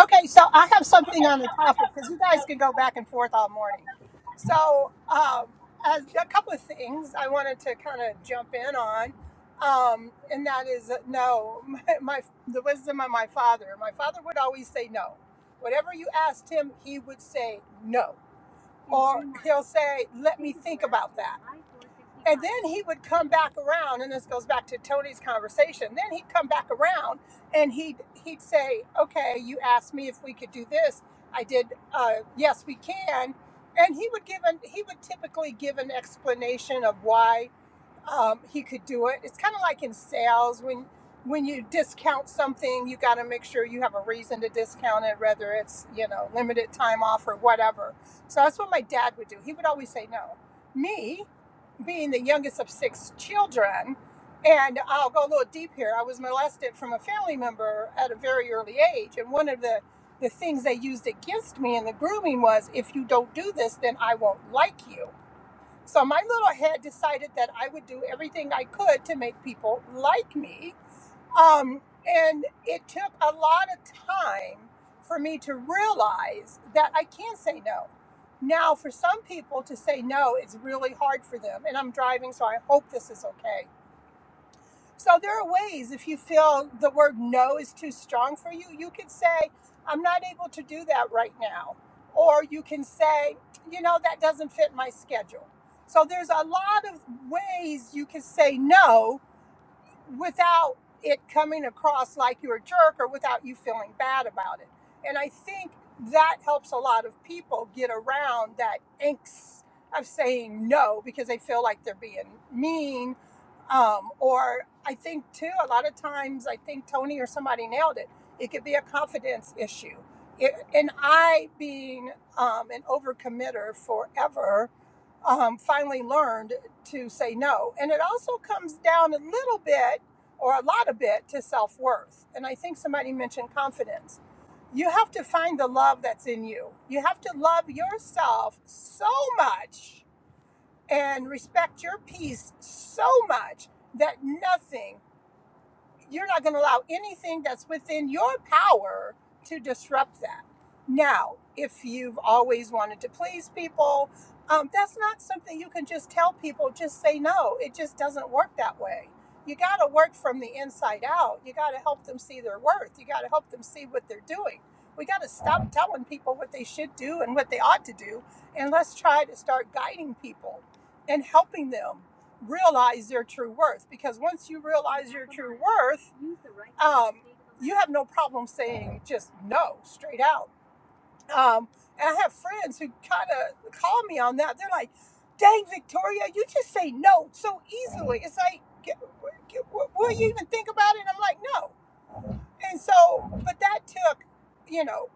I: Okay, so I have something on the topic because you guys could go back and forth all morning. So, um, as a couple of things I wanted to kind of jump in on, um, and that is that no, my, my the wisdom of my father. My father would always say no. Whatever you asked him, he would say no or he'll say, Let me think about that. And then he would come back around, and this goes back to Tony's conversation. Then he'd come back around and he'd, he'd say, Okay, you asked me if we could do this. I did, uh, yes, we can. And he would give an, he would typically give an explanation of why um, he could do it. It's kind of like in sales when when you discount something, you got to make sure you have a reason to discount it, whether it's you know limited time off or whatever. So that's what my dad would do. He would always say no. Me being the youngest of six children, and I'll go a little deep here. I was molested from a family member at a very early age, and one of the the things they used against me in the grooming was if you don't do this, then I won't like you. So my little head decided that I would do everything I could to make people like me. Um, and it took a lot of time for me to realize that I can say no. Now, for some people to say no, it's really hard for them. And I'm driving, so I hope this is okay. So there are ways if you feel the word no is too strong for you, you can say, I'm not able to do that right now. Or you can say, you know, that doesn't fit my schedule. So there's a lot of ways you can say no without it coming across like you're a jerk or without you feeling bad about it. And I think that helps a lot of people get around that angst of saying no because they feel like they're being mean. Um, or I think too, a lot of times, I think Tony or somebody nailed it. It could be a confidence issue. It, and I, being um, an overcommitter forever, um, finally learned to say no. And it also comes down a little bit or a lot of bit to self worth. And I think somebody mentioned confidence. You have to find the love that's in you. You have to love yourself so much and respect your peace so much that nothing you're not going to allow anything that's within your power to disrupt that. Now, if you've always wanted to please people, um, that's not something you can just tell people, just say no. It just doesn't work that way. You got to work from the inside out. You got to help them see their worth. You got to help them see what they're doing. We got to stop telling people what they should do and what they ought to do, and let's try to start guiding people and helping them realize your true worth because once you realize your true worth um, you have no problem saying just no straight out um, and i have friends who kind of call me on that they're like dang victoria you just say no so easily it's like "G- g- w- will you even think about it And i'm like no and so but that took you know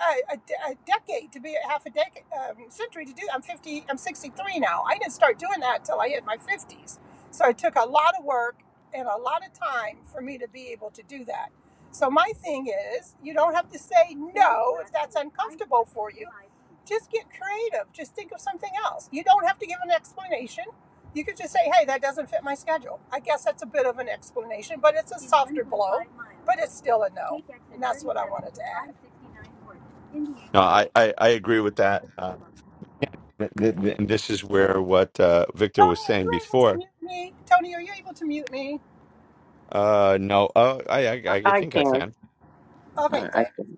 I: a, a a decade to be half a decade um, century to do. I'm 50. I'm 63 now. I didn't start doing that till I hit my 50s. So it took a lot of work and a lot of time for me to be able to do that. So my thing is, you don't have to say no if that's uncomfortable for you. Just get creative. Just think of something else. You don't have to give an explanation. You could just say, hey, that doesn't fit my schedule. I guess that's a bit of an explanation, but it's a softer blow, but it's still a no. And that's what I wanted to add. Tony,
A: No, I, I, I agree with that. Uh, th- th- th- and this is where what uh, Victor was
I: are
A: saying
I: you able to
A: before.
I: mute me? Tony, are you able to mute me?
A: Uh, no. Oh, I, I,
B: I,
A: I
B: I
A: think I
B: can.
A: can.
B: I,
I: Okay,
B: I
I: thanks.
B: can.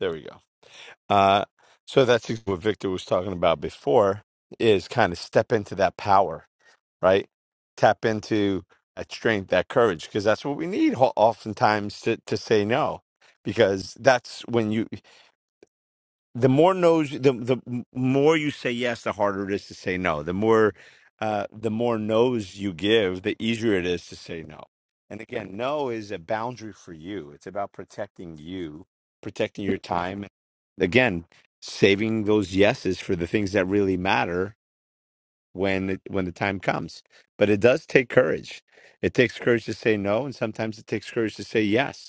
A: There we go. Uh, so that's what Victor was talking about before is kind of step into that power, right? Tap into that strength, that courage, because that's what we need ho- oftentimes to, to say no, because that's when you, the more no's the the more you say yes the harder it is to say no the more uh the more no's you give the easier it is to say no and again no is a boundary for you it's about protecting you protecting your time again saving those yeses for the things that really matter when it, when the time comes but it does take courage it takes courage to say no and sometimes it takes courage to say yes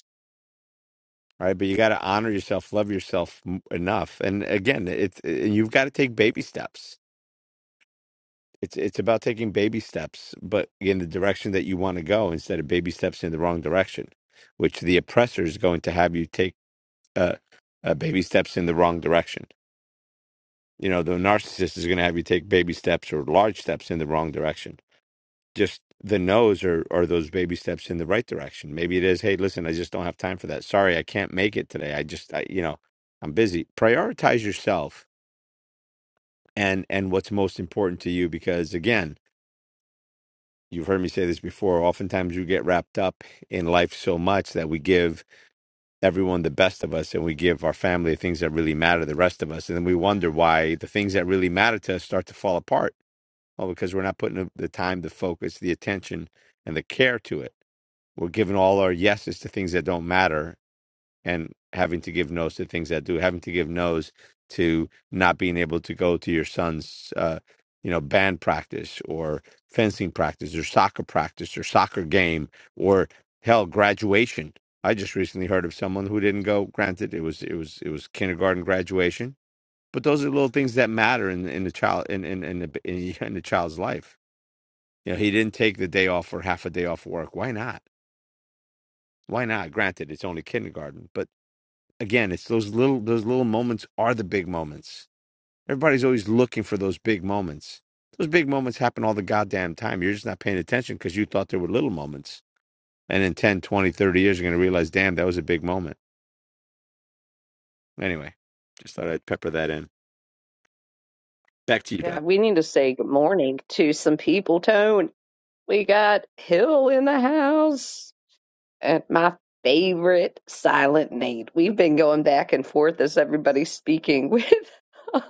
A: right? But you got to honor yourself, love yourself m- enough. And again, it's it, you've got to take baby steps. It's it's about taking baby steps, but in the direction that you want to go, instead of baby steps in the wrong direction, which the oppressor is going to have you take uh, uh, baby steps in the wrong direction. You know, the narcissist is going to have you take baby steps or large steps in the wrong direction just the no's are are those baby steps in the right direction. Maybe it is, hey, listen, I just don't have time for that. Sorry, I can't make it today. I just I, you know, I'm busy. Prioritize yourself and and what's most important to you because again, you've heard me say this before, oftentimes we get wrapped up in life so much that we give everyone the best of us and we give our family the things that really matter the rest of us and then we wonder why the things that really matter to us start to fall apart. Well, because we're not putting the the time, the focus, the attention and the care to it we're giving all our yeses to things that don't matter and having to give no's to things that do having to give no's to not being able to go to your son's uh, you know band practice or fencing practice or soccer practice or soccer game or hell graduation i just recently heard of someone who didn't go granted it was it was it was kindergarten graduation but those are little things that matter in in the child in in in the, in, in the child's life you know he didn't take the day off or half a day off work why not why not? Granted, it's only kindergarten, but again, it's those little those little moments are the big moments. Everybody's always looking for those big moments. Those big moments happen all the goddamn time. You're just not paying attention because you thought they were little moments. And in 10, 20, 30 years, you're going to realize, damn, that was a big moment. Anyway, just thought I'd pepper that in. Back to you, Ben.
B: Yeah, we need to say good morning to some people, Tone. We got Hill in the house. And my favorite silent Nate. We've been going back and forth as everybody's speaking with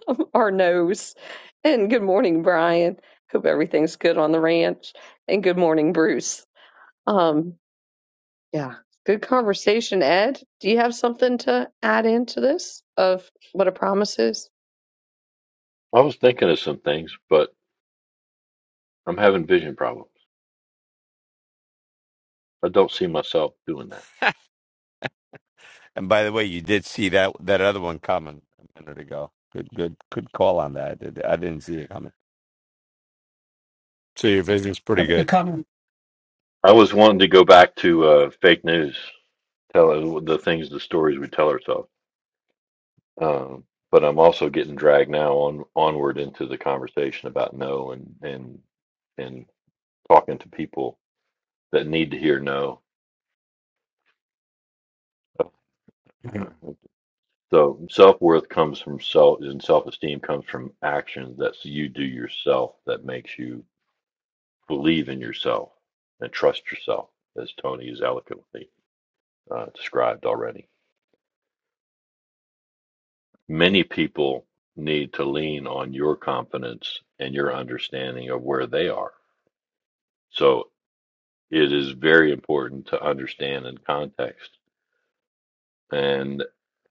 B: um, our nose. And good morning, Brian. Hope everything's good on the ranch. And good morning, Bruce. Um, yeah, good conversation, Ed. Do you have something to add into this of what a promise is?
H: I was thinking of some things, but I'm having vision problems. I don't see myself doing that.
A: And by the way, you did see that that other one coming a minute ago. Good, good, good call on that. I did- I didn't see it coming. So your vision's pretty
D: That make a
A: good.
D: comment.
H: I was wanting to go back to uh, fake news, tell uh, the things, the stories we tell ourselves. Um, but I'm also getting dragged now on onward into the conversation about no and and and talking to people that need to hear no. Mhm. So self worth comes from self, and self esteem comes from actions that you do yourself that makes you believe in yourself and trust yourself, as Tony has eloquently uh, described already. Many people need to lean on your confidence and your understanding of where they are. So. it is very important to understand in context and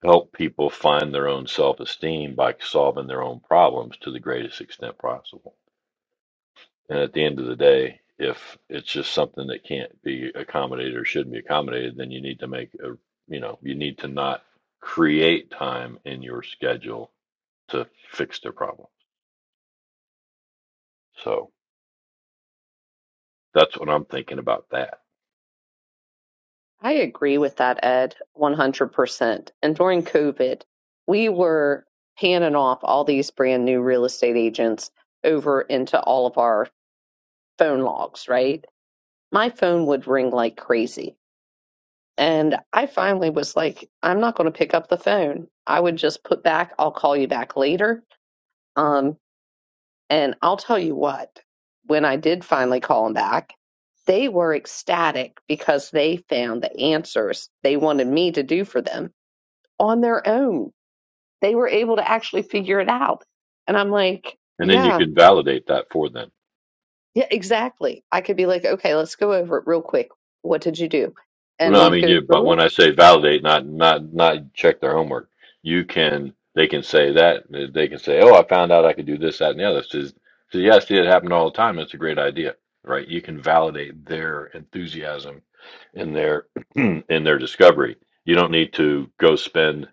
H: help people find their own self esteem by solving their own problems to the greatest extent possible. And at the end of the day, if it's just something that can't be accommodated or shouldn't be accommodated, then you need to make a, you know, you need to not create time in your schedule to fix their problem. So that's what I'm thinking about that.
B: I agree with that, Ed, 100%. And during COVID, we were handing off all these brand new real estate agents over into all of our phone logs, right? My phone would ring like crazy. And I finally was like, I'm not going to pick up the phone. I would just put back, I'll call you back later. Um, and I'll tell you what, when I did finally call them back, they were ecstatic because they found the answers they wanted me to do for them on their own. They were able to actually figure it out. And I'm like,
H: And then you
B: yeah,
H: can validate that for them
B: yeah, exactly. I could be like, okay, let's go over it real quick. What did you do?
H: Well,
B: And
H: no, I
B: we'd
H: mean
B: go
H: you. But
B: through it
H: when I say validate, not not not check their homework, you can. They can say that. They can say, "Oh, I found out I could do this, that, and the other." Says, "says yeah, I see it happen all the time. It's a great idea, right?" You can validate their enthusiasm in their in their discovery. You don't need to go spend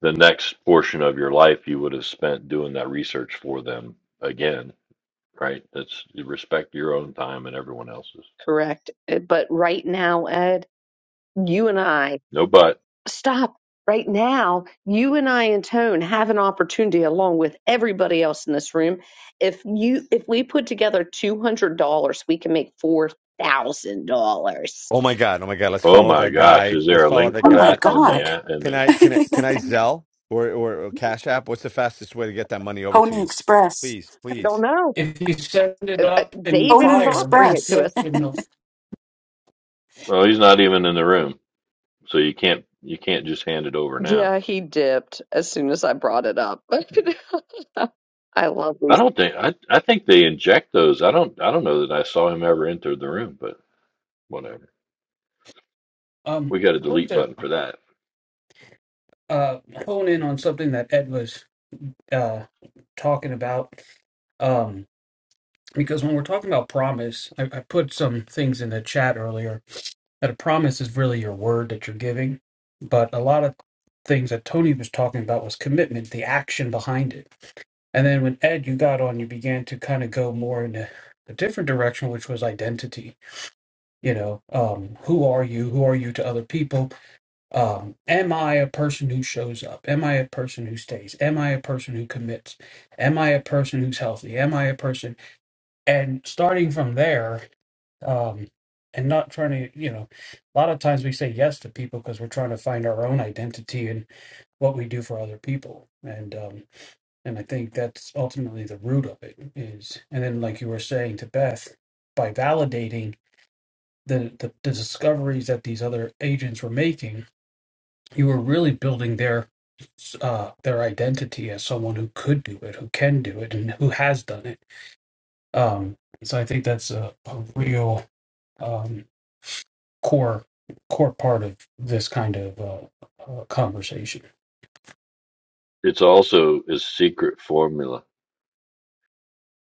H: the next portion of your life you would have spent doing that research for them again, right? That's you respect your own time and everyone else's.
B: Correct. Uh, But right now, Ed, you and I,
H: No buts.
B: stop. Right now, you and I and Tone have an opportunity along with everybody else in this room. If you if we put together two hundred dollars, we can make four thousand dollars.
A: Oh my god! Oh my god! Let's
H: Oh
A: follow
H: my
A: that
H: gosh,
A: guy.
H: is there
A: Let's
H: a
A: follow
H: link
A: that
G: Oh
H: for
G: my
A: guy.
H: that in the
G: God.
H: a- in
A: Can
H: the?
A: I can I can I Zelle or, or or Cash App? What's the fastest way to get that money over to
G: Pony
A: you?
G: Express.
A: Please,
B: I don't
A: please.
B: know.
D: If you send it
B: Uh, uh,
D: up in
B: David is
G: Pony
D: fire,
B: offering it
D: it's
B: to
G: Express.
D: no
B: us.
D: signal.
H: Well, he's not even in the room, so you can't you can't just hand it over now.
B: Yeah, he dipped as soon as I brought it up. I love
H: I
B: these.
H: don't think I I think they inject those. I don't I don't know that I saw him ever enter the room, but whatever.
D: Um,
H: We got a
D: I wanted
H: delete button
D: to
H: for that.
D: uh, hone in on something that Ed was uh, talking about. Um, because when we're talking about promise, I, I put some things in the chat earlier that a promise is really your word that you're giving. But a lot of things that Tony was talking about was commitment, the action behind it. And then when Ed, you got on, you began to kind of go more in a, a different direction, which was identity. you know um who are you who are you to other people um am i a person who shows up am i a person who stays am i a person who commits am i a person who's healthy am i a person and starting from there um and not trying to you know a lot of times we say yes to people because we're trying to find our own identity and what we do for other people and um and i think that's ultimately the root of it is and then like you were saying to beth by validating the, the, the discoveries that these other agents were making, you were really building their uh, their identity as someone who could do it, who can do it, and who has done it. Um, so I think that's a, a real um, core core part of this kind of uh, uh, conversation.
H: It's also a secret formula.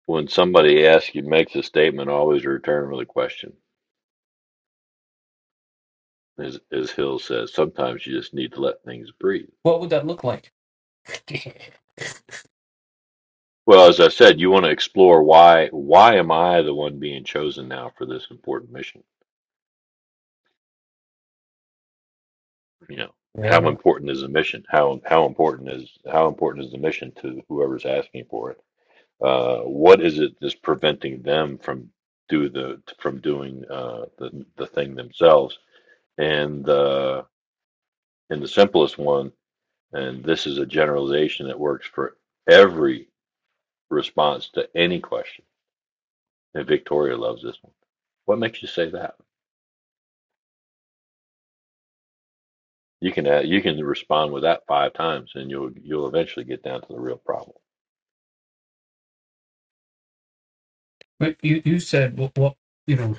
H: When somebody asks you makes a statement, always return with a question. As as Hill says, sometimes you just need to let things breathe.
D: What would that look like?
H: Well, as I said, you want to explore why why am I the one being chosen now for this important mission? you know how
D: yeah.
H: important is the mission how how important is how important is the mission to whoever's asking for it uh what is it that's preventing them from do the from doing uh the the thing themselves and uh and the simplest one and this is a generalization that works for every response to any question and victoria loves this one what makes you say that you can add, you can respond with that five times and you'll you'll eventually get down to the real problem
D: But you you said what, what you know.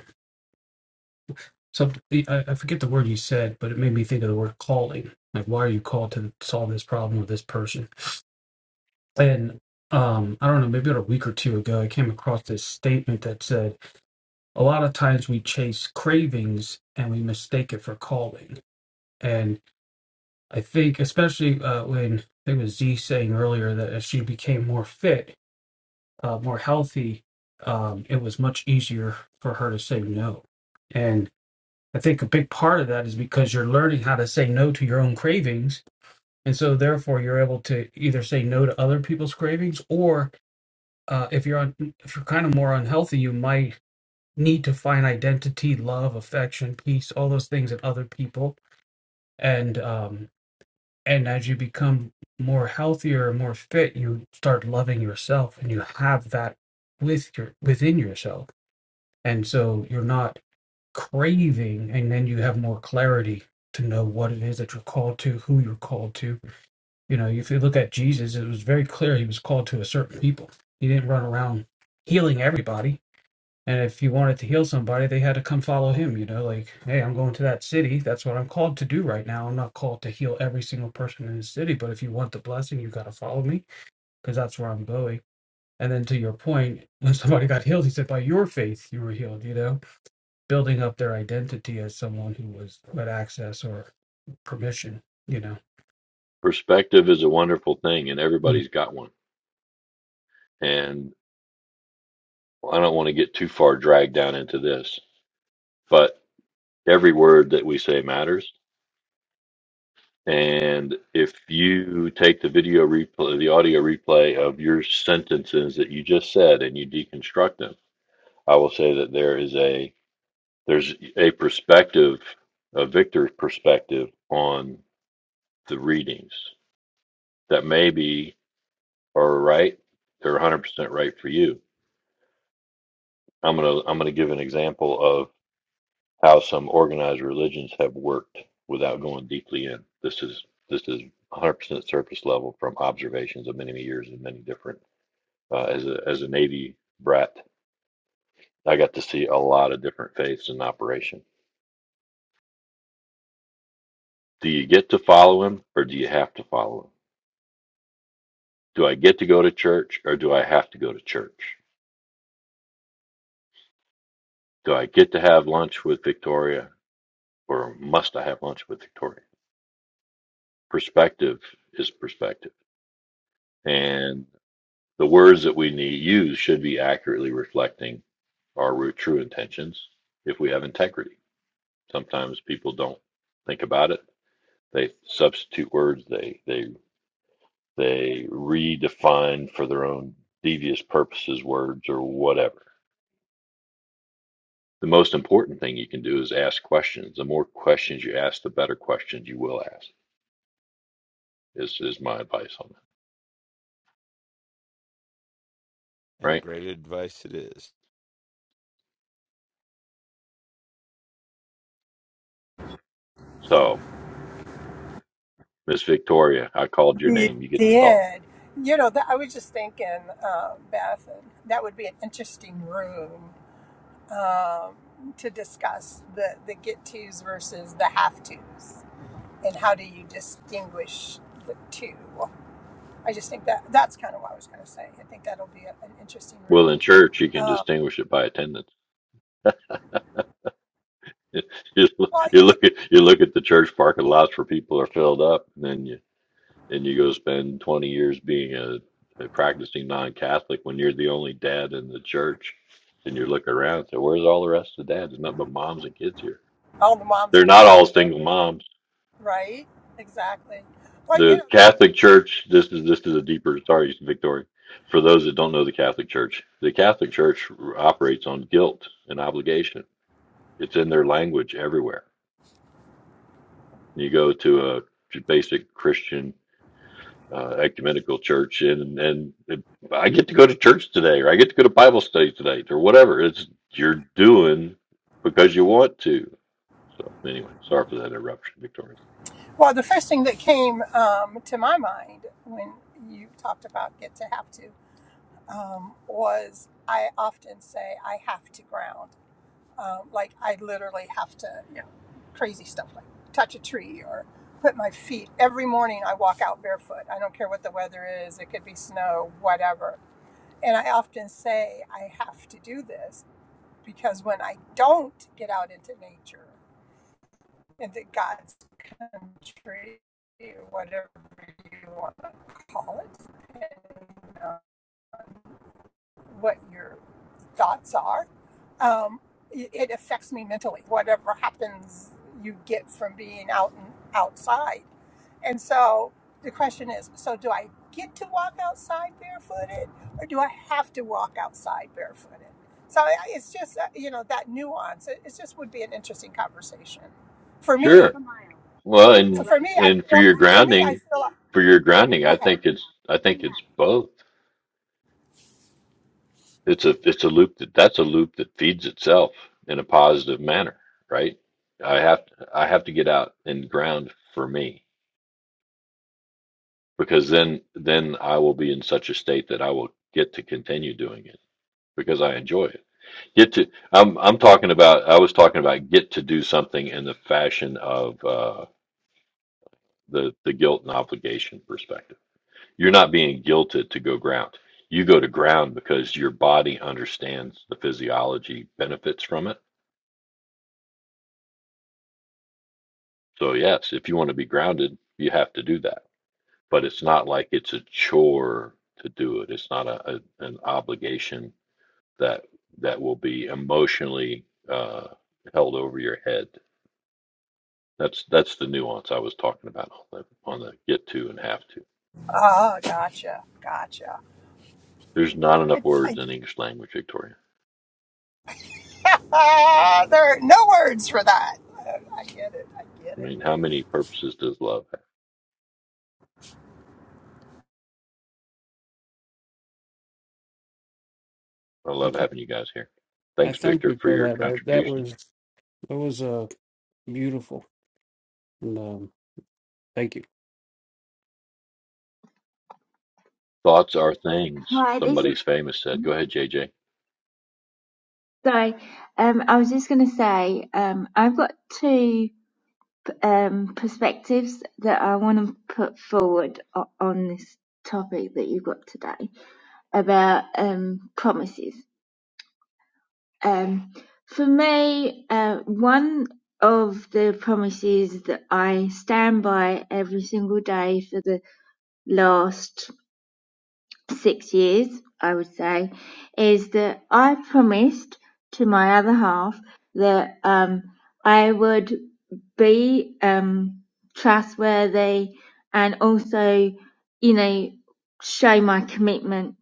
D: So I, I forget the word you said, but it made me think of the word calling. Like, why are you called to solve this problem with this person? and um, I don't know, maybe about a week or two ago, I came across this statement that said a lot of times we chase cravings and we mistake it for calling. And I think, especially uh, when I think it was Z saying earlier that as she became more fit, uh, more healthy, um, it was much easier for her to say no. And I think a big part of that is because you're learning how to say no to your own cravings. And so, therefore, you're able to either say no to other people's cravings or uh, if you're on, if you're kind of more unhealthy, you might need to find identity, love, affection, peace, all those things in other people. And um, and as you become more healthier, more fit, you start loving yourself, and you have that with your within yourself. And so you're not craving, and then you have more clarity to know what it is that you're called to, who you're called to. You know, if you look at Jesus, it was very clear he was called to a certain people. He didn't run around healing everybody And if he wanted to heal somebody, they had to come follow him, you know, like, hey, I'm going to that city. That's what I'm called to do right now. I'm not called to heal every single person in the city, but if you want the blessing, you got to follow me because that's where I'm going. And then to your point, when somebody got healed, he said, by your faith, you were healed, you know, building up their identity as someone who was had access or permission, you know.
H: Perspective is a wonderful thing, and
D: Mm.
H: everybody's got one. And I don't want to get too far dragged down into this, but every word that we say matters. And if you take the video replay, the audio replay of your sentences that you just said, and you deconstruct them, I will say that there is a there's a perspective, a Victor's perspective on the readings that maybe are right. They're 100% right for you. I'm gonna I'm gonna give an example of. how some organized religions have worked without going deeply in. This is this is 100% surface level from observations of many, many years and many different. Uh, as a as a Navy brat, I got to see a lot of different faiths in operation. Do you get to follow him, or do you have to follow him? Do I get to go to church, or do I have to go to church? Do I get to have lunch with Victoria, or must I have lunch with Victoria? Perspective is perspective, and The words that we need use should be accurately reflecting our true intentions if we have integrity. Sometimes people don't think about it. They substitute words, they they they redefine for their own devious purposes words or whatever. The most important thing you can do is ask questions. The more questions you ask, the better questions you will ask. Is is my advice on that.
A: And
H: Right?
A: great advice it is.
H: So, Miss Victoria, I called your
I: You
H: name, you get to talk.
I: did. You know, that, I was just thinking, uh, Beth, that would be an interesting room um, to discuss the, the get tos versus the have tos and how do you distinguish the two I just think that that's kind of what I was going to say. I think that'll be a, an interesting
H: Well
I: room.
H: in church you can distinguish it by attendance you look
I: Well,
H: you
I: you,
H: look at you look at the church parking lots where people are filled up, and then you and you go spend twenty years being a, a practicing non-Catholic when you're the only dad in the church, and you look around and say, "Where's all the rest of the dads? There's nothing but moms and kids here."
I: all the moms
H: They're
I: and kids
H: not all
I: there,
H: single moms.
I: right? Exactly. Well, you
H: The
I: know,
H: Catholic Church. This is this is a deeper. Sorry, Victoria. For those that don't know the Catholic Church, the Catholic Church operates on guilt and obligation. It's in their language everywhere. You go to a basic Christian uh, ecumenical church, and and I get to go to church today, or I get to go to Bible study tonight, or whatever. It's you're doing because you want to. So anyway, sorry for that interruption, Victoria.
I: well, the first thing that came um, to my mind when you talked about get to have to um, was I often say I have to ground. Um, like I literally have to, you know, crazy stuff like touch a tree or put my feet every morning. I walk out barefoot. I don't care what the weather is. It could be snow, whatever And I often say, I have to do this because when I don't get out into nature, into God's country, whatever you want to call it, and, uh, what your thoughts are. Um, it, it affects me mentally. Whatever happens, you get from being out and outside. And so the question is so do I get to walk outside barefooted or do I have to walk outside barefooted? So I- it's just, uh, you know, that nuance. It, it just would be an interesting conversation. For me, Half
H: Sure.
I: a
H: Well,
I: mile.
H: and
I: for me, I
H: and for
I: feel,
H: your
I: for me, I
H: grounding,
I: feel,
H: for your grounding,
I: go
H: I
I: ahead.
H: think it's I think it's both. It's a it's a loop that that's a loop that feeds itself in a positive manner, right? I have I have to get out and ground for me because then then I will be in such a state that I will get to continue doing it because I enjoy it. Get to I'm I'm talking about I was talking about get to do something in the fashion of uh, the the guilt and obligation perspective. You're not being guilted to go ground. You go to ground because your body understands the physiology benefits from it. So yes, if you want to be grounded, you have to do that. But it's not like it's a chore to do it. It's not a, a an obligation that that will be emotionally uh, held over your head. That's that's the nuance I was talking about on the on the get to and have to.
I: Oh, gotcha. Gotcha.
H: There's not enough words in English language, Victoria.
I: there are no words for that. I get it. I get
H: I
I: it.
H: mean, how many purposes does love have? I
D: I
H: love having you guys here. Thanks,
D: thank
H: Victor,
D: you
H: for
D: for
H: your
D: that. That, that
H: contribution.
D: was that was uh, beautiful. And, um, thank you.
H: Thoughts are things.
C: Hi, this is
H: Somebody's famous said. Go ahead, JJ.
C: sorry. Um, I was just going to say, um, I've got two um, perspectives that I want to put forward o- on this topic that you've got today about um, promises. Um, for me, uh, one of the promises that I stand by every single day for the last six years, I would say, is that I promised to my other half that um, I would be um, trustworthy and also, you know, show my commitment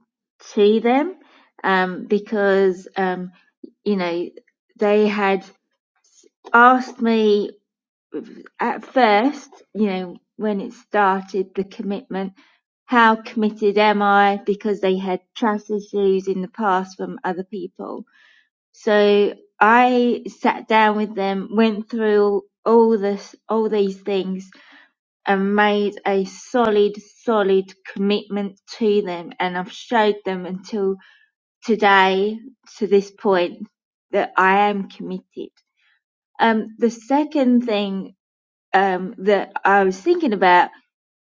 C: to them um, because, um, you know, they had asked me at first, you know, when it started, the commitment, how committed am I? Because they had trust issues in the past from other people. So I sat down with them, went through all this, all these things and made a solid, solid commitment to them. And I've showed them until today, to this point, that I am committed. Um, the second thing um, that I was thinking about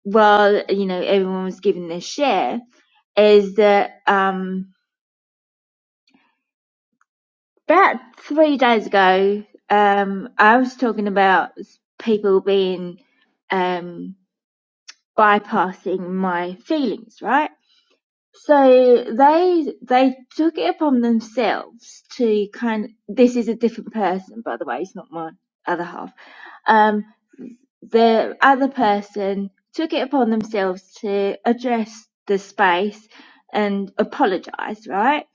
C: while you know everyone was giving their share is that um, about three days ago um, I was talking about people being um, bypassing my feelings, right? So they they took it upon themselves to kind. This is a different person, by the way. It's not my other half Um, the other person took it upon themselves to address the space and apologize, right?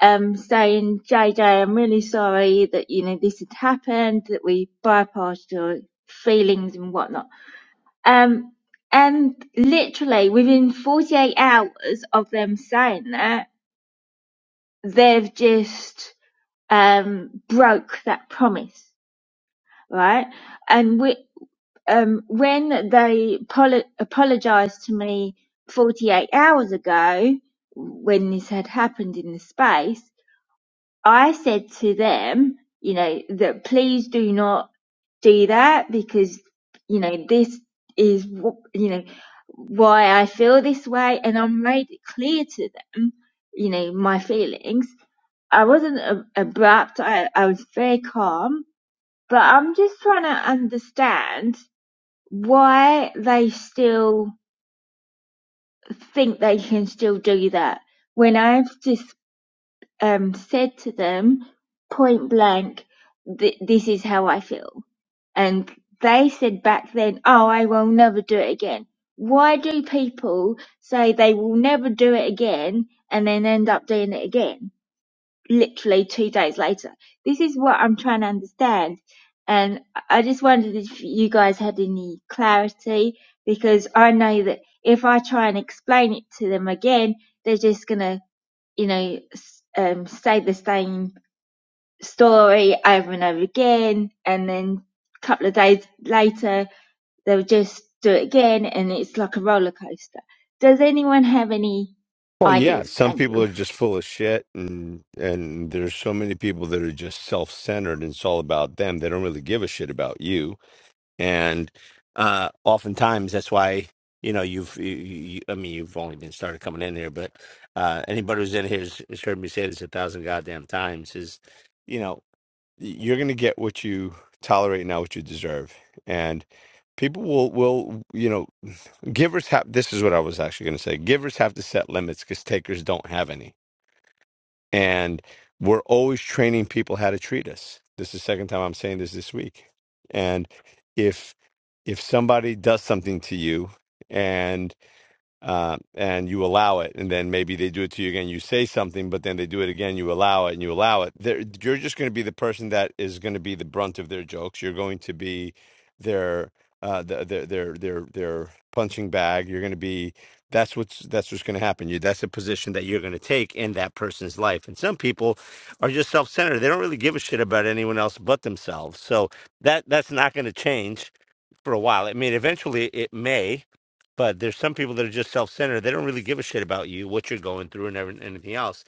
C: Um, saying, JJ, I'm really sorry that, you know, this had happened, that we bypassed your feelings and whatnot. Um, and literally within 48 hours of them saying that, they've just, um, broke that promise, right? And we, um, when they poli- apologized to me 48 hours ago, when this had happened in the space, I said to them, you know, that please do not do that because, you know, this is, wh- you know, why I feel this way. And I made it clear to them, you know, my feelings. I wasn't a- abrupt. I, I was very calm, but I'm just trying to understand why they still think they can still do that when I've just um, said to them point blank, th- this is how I feel. And they said back then, oh, I will never do it again. Why do people say they will never do it again and then end up doing it again? literally two days later. This is what I'm trying to understand. And I just wondered if you guys had any clarity because I know that if I try and explain it to them again, they're just going to, you know, um, say the same story over and over again. And then a couple of days later, they'll just do it again. And it's like a roller coaster. Does anyone have any
A: Well, yeah,
C: ideas?
A: some
C: Thank
A: people
C: you.
A: are just full of shit, and and there's so many people that are just self-centered, and it's all about them. They don't really give a shit about you, and uh, oftentimes that's why you know you've. You, you, I mean, you've only been started coming in here, but uh, anybody who's in here has, has heard me say this a thousand goddamn times. Is you know you're going to get what you tolerate now what you deserve and people will will you know givers have this is what i was actually going to say givers have to set limits because takers don't have any and we're always training people how to treat us this is the second time i'm saying this this week and if if somebody does something to you uh, and you allow it, and then maybe they do it to you again. You say something, but then they do it again. You allow it, and you allow it. They're, you're just going to be the person that is going to be the brunt of their jokes. You're going to be their uh, the, their their their their punching bag. You're going to be that's what's that's what's going to happen. You that's a position that you're going to take in that person's life. And some people are just self centered. They don't really give a shit about anyone else but themselves. So that that's not going to change for a while. I mean, eventually it may, but there's some people that are just self-centered. They don't really give a shit about you, what you're going through, and everything, anything else.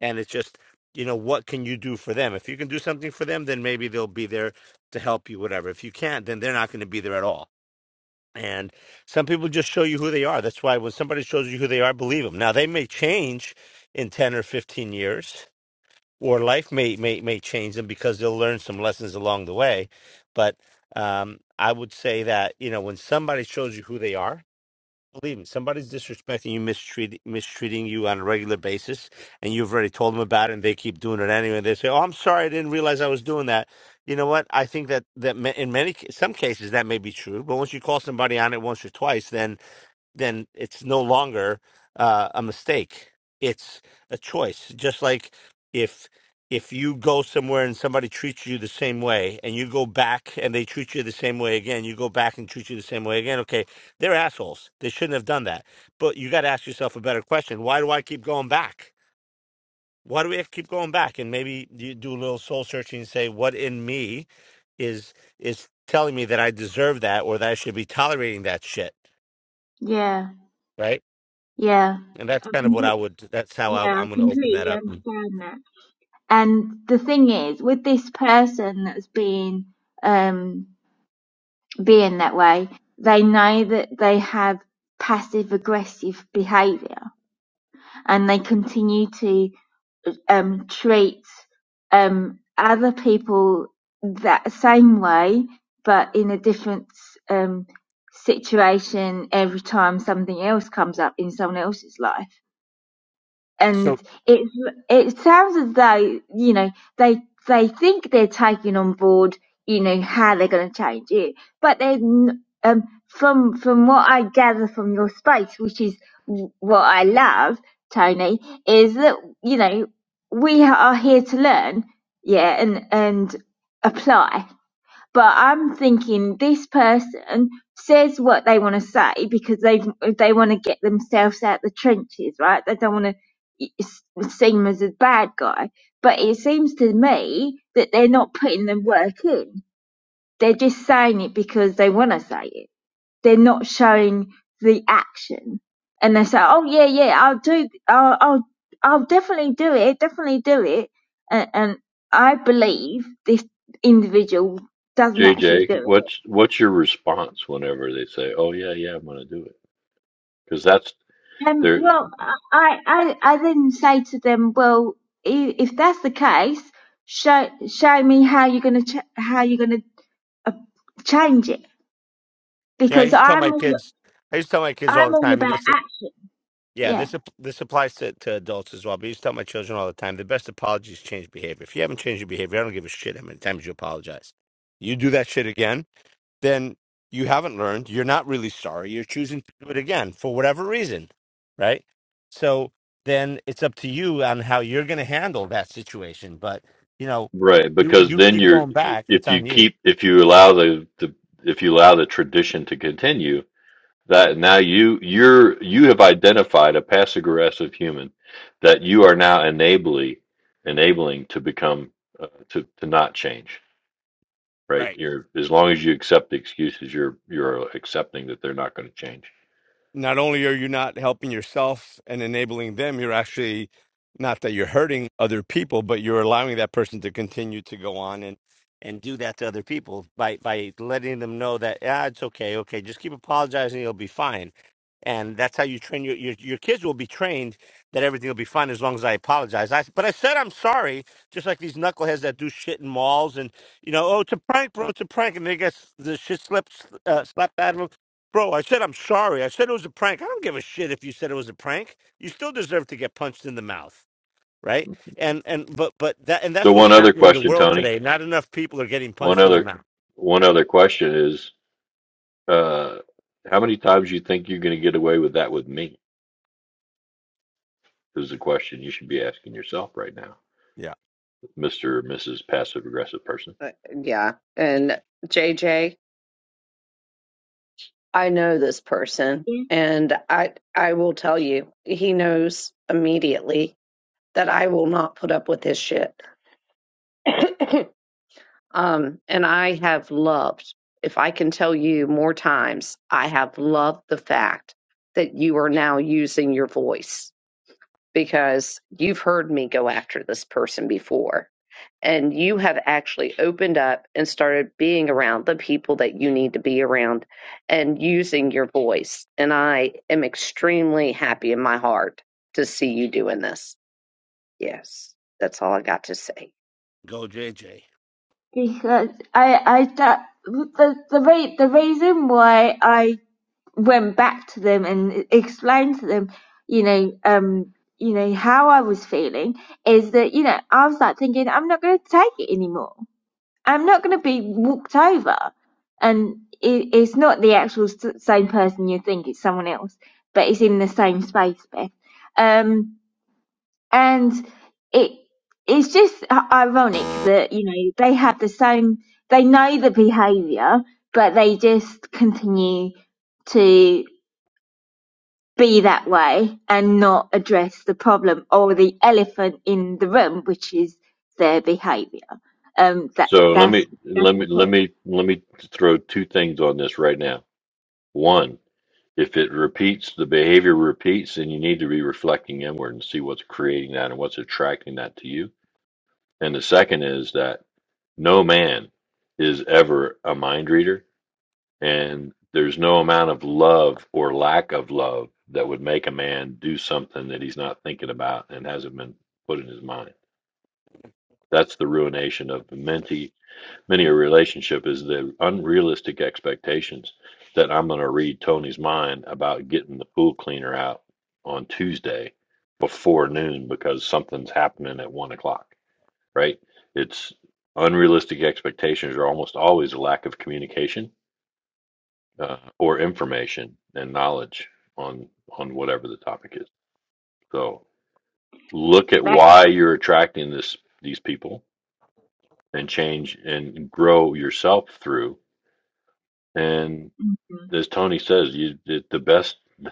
A: And it's just, you know, what can you do for them? If you can do something for them, then maybe they'll be there to help you, whatever. If you can't, then they're not going to be there at all. And some people just show you who they are. That's why when somebody shows you who they are, believe them. Now they may change in 10 or 15 years or life may may may change them because they'll learn some lessons along the way. But um, I would say that you know when somebody shows you who they are, believe me, somebody's disrespecting you, mistreat, mistreating you on a regular basis, and you've already told them about it, and they keep doing it anyway. And they say, "Oh, I'm sorry, I didn't realize I was doing that." You know what? I think that that ma- in many ca- some cases that may be true, but once you call somebody on it once or twice, then then it's no longer uh, a mistake. It's a choice. Just like if if you go somewhere and somebody treats you the same way, and you go back and they treat you the same way again, you go back and treat you the same way again. Okay, they're assholes. They shouldn't have done that. But you got to ask yourself a better question: Why do I keep going back? Why do we have to keep going back? And maybe you do a little soul searching and say, what in me is is telling me that I deserve that or that I should be tolerating that shit,
C: Yeah.
A: right?
C: Yeah.
A: and that's
C: I
A: kind of
C: can
A: what I would. That's how I,
C: Yeah, I
A: I'm going to open that
C: completely
A: up. And
C: understand that. And the thing is, with this person that's being um being that way, they know that they have passive aggressive behaviour and they continue to um treat um other people that same way but in a different um situation every time something else comes up in someone else's life
A: so,
C: and it it sounds as though you know they they think they're taking on board you know how they're going to change it, but then um, from from what I gather from your space, which is what I love, Tony, is that you know we are here to learn, yeah, and and apply but I'm thinking this person says what they want to say because they they want to get themselves out the trenches, right? They don't want to seem as a bad guy. But it seems to me that they're not putting the work in. They're just saying it because they want to say it they're not showing the action and they say oh yeah yeah i'll do i'll i'll, I'll definitely do it definitely do it and, and i believe this individual doesn't actually
H: JJ,
C: do it
H: what's what's your response whenever they say, "Oh yeah, yeah, I'm going to do it"? Because that's
C: um
H: there.
C: well i i i then say to them well if that's the case show show me how you're going to ch- how you're going to uh, change it
A: yeah, I
C: because
A: used to tell my
C: i'm all
A: kids. I used to tell my kids all
C: i'm
A: the
C: all
A: time, and
C: about
A: this,
C: action
A: yeah,
C: Yeah.
A: this app- this applies to, to adults as well. But I used to tell my children all the time, the best apologies change behavior. If you haven't changed your behavior, I don't give a shit how many times you apologize. You do that shit again, then you haven't learned. You're not really sorry. You're choosing to do it again for whatever reason, right? So then it's up to you on how you're going to handle that situation. But you know,
H: Right,
A: you
H: because
A: you
H: then
A: keep
H: you're
A: going back. It's
H: if you
A: on you.
H: keep if you allow the, the if you allow the tradition to continue, that now you you're you have identified a passive aggressive human that you are now enabling enabling to become uh, to to not change. Right,
A: Right.
H: you're as long as you accept the excuses, you're you're accepting that they're not going to change.
A: Not only are you not helping yourself and enabling them, you're actually not that you're hurting other people, but you're allowing that person to continue to go on and and do that to other people by by letting them know that ah, it's okay, okay, just keep apologizing, you'll be fine. And that's how you train your, your your kids will be trained that everything will be fine as long as I apologize. I but I said I'm sorry, just like these knuckleheads that do shit in malls and you know oh it's a prank, bro, it's a prank, and they get the shit slipped uh, slapped out of them. Bro, I said I'm sorry. I said it was a prank. I don't give a shit if you said it was a prank. You still deserve to get punched in the mouth, right? And and but but that and
H: So
A: that's what's
H: one other
A: happening in the
H: question,
A: world
H: Tony.
A: today. Not enough people are getting
H: One
A: punched in the
H: other
A: mouth.
H: one other question is, uh, how many times you think you're going to get away with that with me? This is a question you should be asking yourself right now,
A: Yeah,
H: Mr. or Mrs. passive aggressive person.
B: Uh, Yeah. And JJ, I know this person
C: yeah
B: and I I will tell you he knows immediately that I will not put up with his shit. um and I have loved if I can tell you more times I have loved the fact that you are now using your voice because you've heard me go after this person before and you have actually opened up and started being around the people that you need to be around and using your voice. And I am extremely happy in my heart to see you doing this. Yes, that's all I got to say.
A: Go JJ.
C: because I I that the the re- the reason why I went back to them and explained to them, you know, um, you know how I was feeling is that you know I was like thinking I'm not going to take it anymore. I'm not going to be walked over, and it, it's not the actual s- same person you think it's someone else, but it's in the same space, Beth. Um, and it it's just ironic that you know they have the same they know the behavior but they just continue to be that way and not address the problem or the elephant in the room which is their behavior um that
H: So let
C: that's
H: me
C: that's
H: let me
C: the
H: let
C: point
H: me let me throw two things on this right now. One, if it repeats, the behavior repeats, then you need to be reflecting inward and see what's creating that and what's attracting that to you. And the second is that no man is ever a mind reader And there's no amount of love or lack of love that would make a man do something that he's not thinking about and hasn't been put in his mind. That's the ruination of many, many a relationship is the unrealistic expectations that I'm going to read Tony's mind about getting the pool cleaner out on Tuesday before noon because something's happening at one o'clock, right? It's unrealistic expectations are almost always a lack of communication uh, or information and knowledge on on whatever the topic is. So look at
C: thanks
H: why you're attracting this these people and change and grow yourself through. And as Tony says, you the the best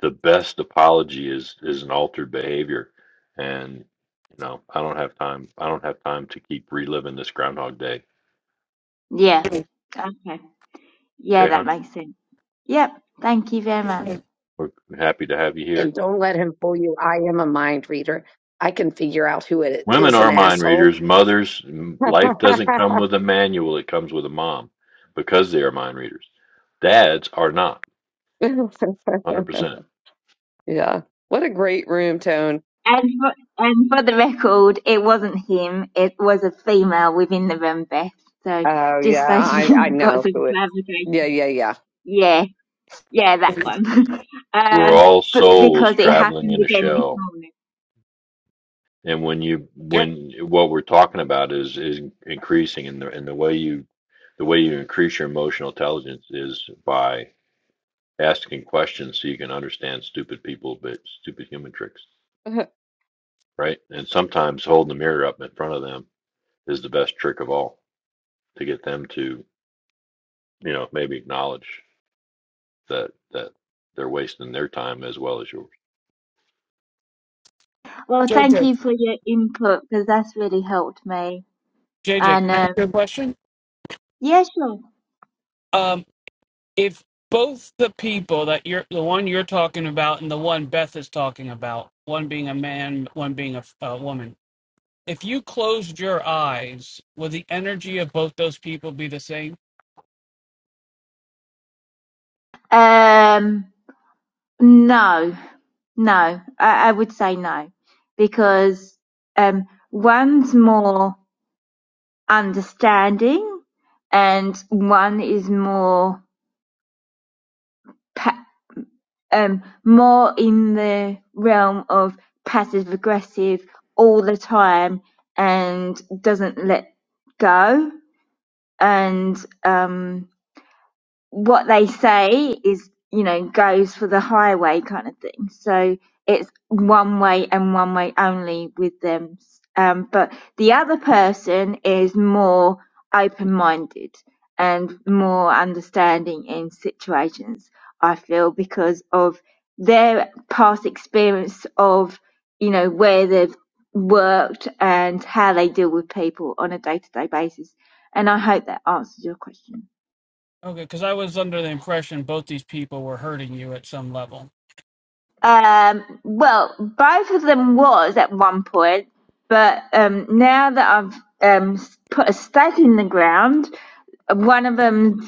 H: the best apology is is an altered behavior. And you know, I don't have time. I don't have time to keep reliving this Groundhog Day.
C: yeah okay yeah
H: Okay,
C: that
H: hon.
C: makes sense yep thank you very much
H: We're happy to have you here.
B: And don't let him fool you. I am a mind reader. I can figure out who it
H: Women
B: is an
H: are mind
B: asshole.
H: readers, mothers. M- Life doesn't come with a manual, it comes with a mom because they are mind readers. Dads are not, 100%.
B: yeah. What a great room tone.
C: And for, and for the record, it wasn't him. It was a female within the room, Beth. So
B: Oh yeah,
C: just so
B: I I
C: you got
B: know
C: some
B: who it. Yeah,
C: clarification.
B: yeah, yeah.
C: Yeah, yeah, that one.
H: We're
C: um,
H: all
C: but
H: souls
C: because it
H: traveling
C: happened
H: in a
C: again this
H: shell.
C: morning.
H: And when you,
D: Yeah,
H: when what we're talking about is, is increasing and the, and the way you, the way you increase your emotional intelligence is by asking questions so you can understand stupid people, but stupid human tricks, right? And sometimes holding the mirror up in front of them is the best trick of all to get them to, you know, maybe acknowledge that that they're wasting their time as well as yours.
C: Well,
D: J
C: thank
D: J
C: you for your input because that's really helped me.
D: J J, can
C: And
D: I ask you
C: um,
D: a question?
C: yeah, sure.
D: Um, if both the people that you're the one you're talking about and the one Beth is talking about, one being a man, one being a, f- a woman, if you closed your eyes, would the energy of both those people be the same?
C: Um, no, no, I, I would say no because um, one's more. understanding and one is more um more in the realm of passive aggressive all the time and doesn't let go and um what they say is, you know, goes for the highway kind of thing. So it's one way and one way only with them. Um, but the other person is more open minded and more understanding in situations, I feel, because of their past experience of, you know, where they've worked and how they deal with people on a day to day basis. And I hope that answers your question.
D: Okay, because I was under the impression both these people were hurting you at some level.
C: Um, well, both of them was at one point, but um, now that I've um, s- put a stake in the ground, one of them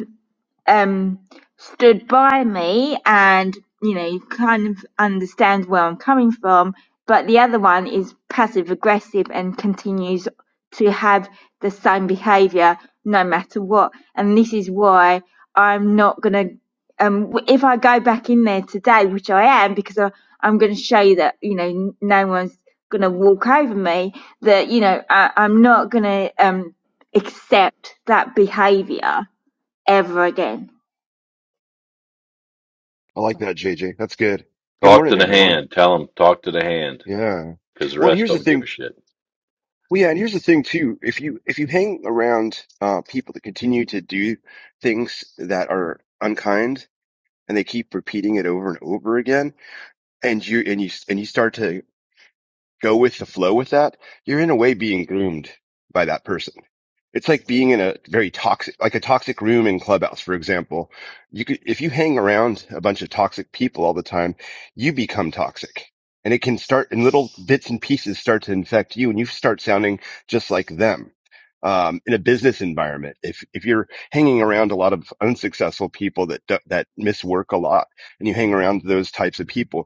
C: um stood by me and you know kind of understands where I'm coming from, but the other one is passive aggressive and continues to have the same behavior no matter what. And this is why I'm not gonna. Um, if I go back in there today, which I am, because I, I'm going to show you that you know no one's going to walk over me. That you know I, I'm not going to um accept that behavior ever again.
J: I like that, JJ. That's good. Good
H: Talk to
J: morning,
H: the
J: everyone.
H: hand. Tell them talk to the hand
J: Yeah.
H: because the
J: Well, and
H: rest
J: here's the
H: don't give a
J: thing.
H: shit.
J: Well, yeah, and here's the thing too. If you if you hang around uh, people that continue to do things that are unkind and they keep repeating it over and over again, and you and you and you start to go with the flow with that, you're in a way being groomed by that person. It's like being in a very toxic, like a toxic room in Clubhouse, for example. You could, if you hang around a bunch of toxic people all the time, you become toxic and it can start in little bits and pieces start to infect you and you start sounding just like them. Um, in a business environment, if, if you're hanging around a lot of unsuccessful people that, do- that miss work a lot and you hang around those types of people,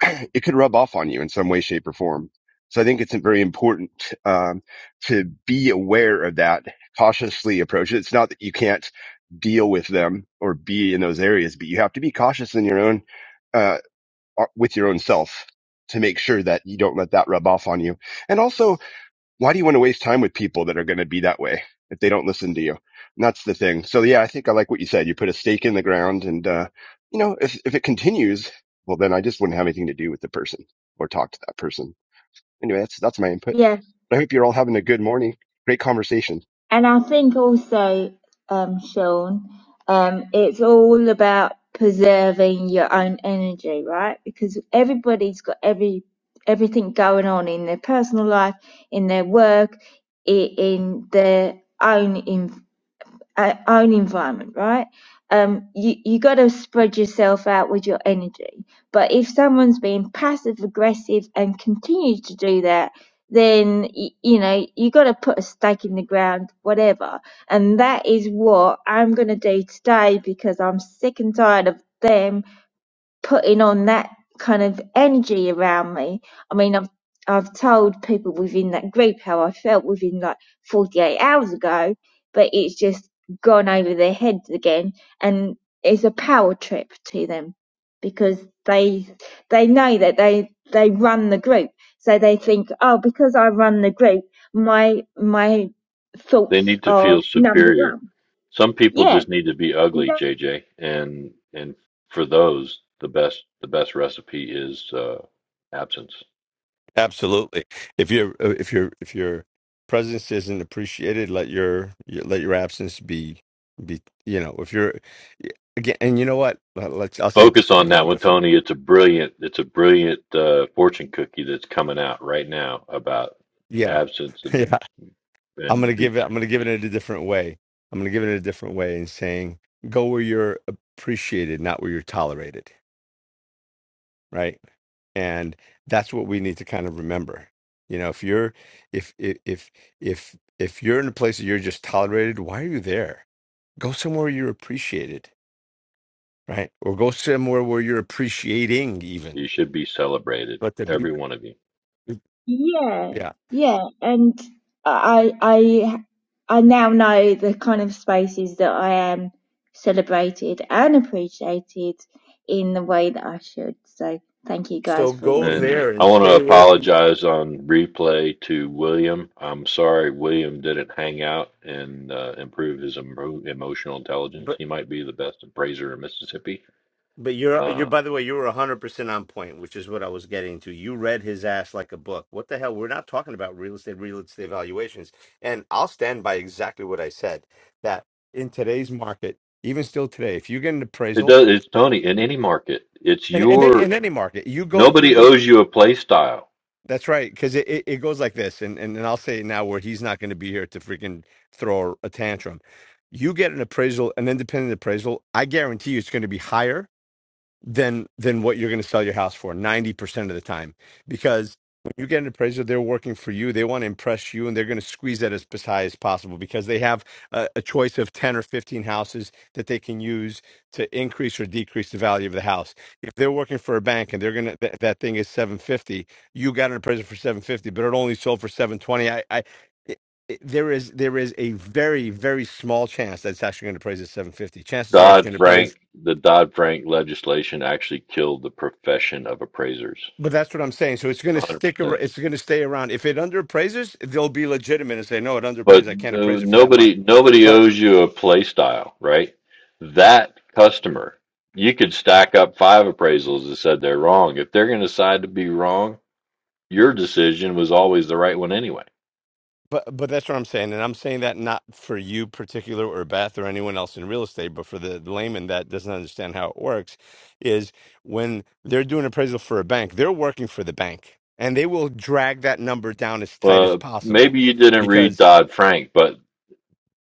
J: it could rub off on you in some way, shape, or form. So I think it's very important um, to be aware of that, cautiously approach it. It's not that you can't deal with them or be in those areas, but you have to be cautious in your own uh, uh, with your own self to make sure that you don't let that rub off on you. And also why do you want to waste time with people that are going to be that way if they don't listen to you? And that's the thing. So yeah, I think I like what you said. You put a stake in the ground and, uh, you know, if, if it continues, well, then I just wouldn't have anything to do with the person or talk to that person. Anyway, that's, that's my input.
C: Yeah,
J: I hope you're all having a good morning. Great conversation.
C: and I think also, um, Sean, um, it's all about preserving your own energy, right? Because everybody's got every everything going on in their personal life, in their work, i- in their own in, uh, own environment, right? Um, you you got to spread yourself out with your energy. But if someone's being passive aggressive and continues to do that, then y- you know you got to put a stake in the ground, whatever. And that is what I'm going to do today because I'm sick and tired of them putting on that kind of energy around me. I mean, I've I've told people within that group how I felt within like 48 hours ago, but it's just gone over their heads again, and it's a power trip to them because they they know that they they run the group, so they think, oh, because I run the group, my my
H: They
C: thoughts
H: need to
C: are
H: feel
C: number
H: superior.
C: one.
H: Some people
C: Yeah,
H: just need to be ugly,
C: exactly.
H: JJ, and and for those, the best the best recipe is uh, absence.
A: absolutely. If your uh, if you're if your presence isn't appreciated, let your your- let your absence be be you know if you're again and you know what Let- let's I'll say it
H: Focus
A: this way a
H: on that
A: little
H: one,
A: different.
H: Tony. It's a brilliant it's a brilliant uh, fortune cookie that's coming out right now about
A: Yeah.
H: absence and
A: Yeah, I'm gonna
H: and
A: give it. I'm gonna give it a different way. I'm gonna give it a different way in saying go where you're appreciated, not where you're tolerated, right? And that's what we need to kind of remember. You know, if you're if if if if if you're in a place that you're just tolerated, why are you there? Go somewhere you're appreciated, right? Or go somewhere where you're appreciating even.
H: You should be celebrated,
A: But the be
H: every one of you.
C: Yeah,
A: yeah.
C: yeah, and I I I now know the kind of spaces that I am celebrated and appreciated in the way that I should. So thank you
A: So
C: guys for your
A: go
H: And
C: input.
A: there
H: I
A: and
H: want to
A: stay away from.
H: apologize on replay to William. I'm sorry William didn't hang out and uh, improve his emo- emotional intelligence. He might be the best appraiser in Mississippi.
A: But you're you're
H: Uh,
A: by the way, you were hundred percent on point, which is what I was getting to. You read his ass like a book. What the hell? We're not talking about real estate, real estate valuations. And I'll stand by exactly what I said, that in today's market, even still today, if you get an
H: it
A: appraisal
H: does. It's Tony in any market. It's
A: and, and then in
H: your
A: any market, you go you
H: nobody
A: go
H: owes you a play style.
A: that's right, because it, it, it goes like this, and, and, and I'll say it now where he's not gonna be here to freaking throw a tantrum. You get an appraisal, an independent appraisal, I guarantee you it's gonna be higher than than what you're going to sell your house for 90% of the time because when you get an appraiser they're working for you they want to impress you and they're going to squeeze that as high as possible because they have a, a choice of 10 or 15 houses that they can use to increase or decrease the value of the house if they're working for a bank and they're going to that that thing is 750 you got an appraiser for 750 but it only sold for 720 i i it- it- there is there is a very very small chance that it's actually going to appraise at 750 chances are it's
H: Dodd
A: going to appraise
H: Frank, the Dodd Frank legislation actually killed the profession of appraisers.
A: But that's what I'm saying. So it's going to stick. ar-
H: 100%.
A: It's going to stay around. If it underappraises, they'll be legitimate and say, "No, it
H: but
A: underappraised. I can't
H: no,
A: appraise it for that much."
H: nobody nobody
A: But
H: owes you a play style, right? That customer, you could stack up five appraisals that said they're wrong. If they're going to decide to be wrong, your decision was always the right one anyway.
A: but but that's what I'm saying, and I'm saying that not for you particular or Beth or anyone else in real estate, but for the layman that doesn't understand how it works, is when they're doing appraisal for a bank, they're working for the bank, and they will drag that number down as tight as
H: Well,
A: possible
H: maybe you didn't read
A: because
H: Dodd Frank, but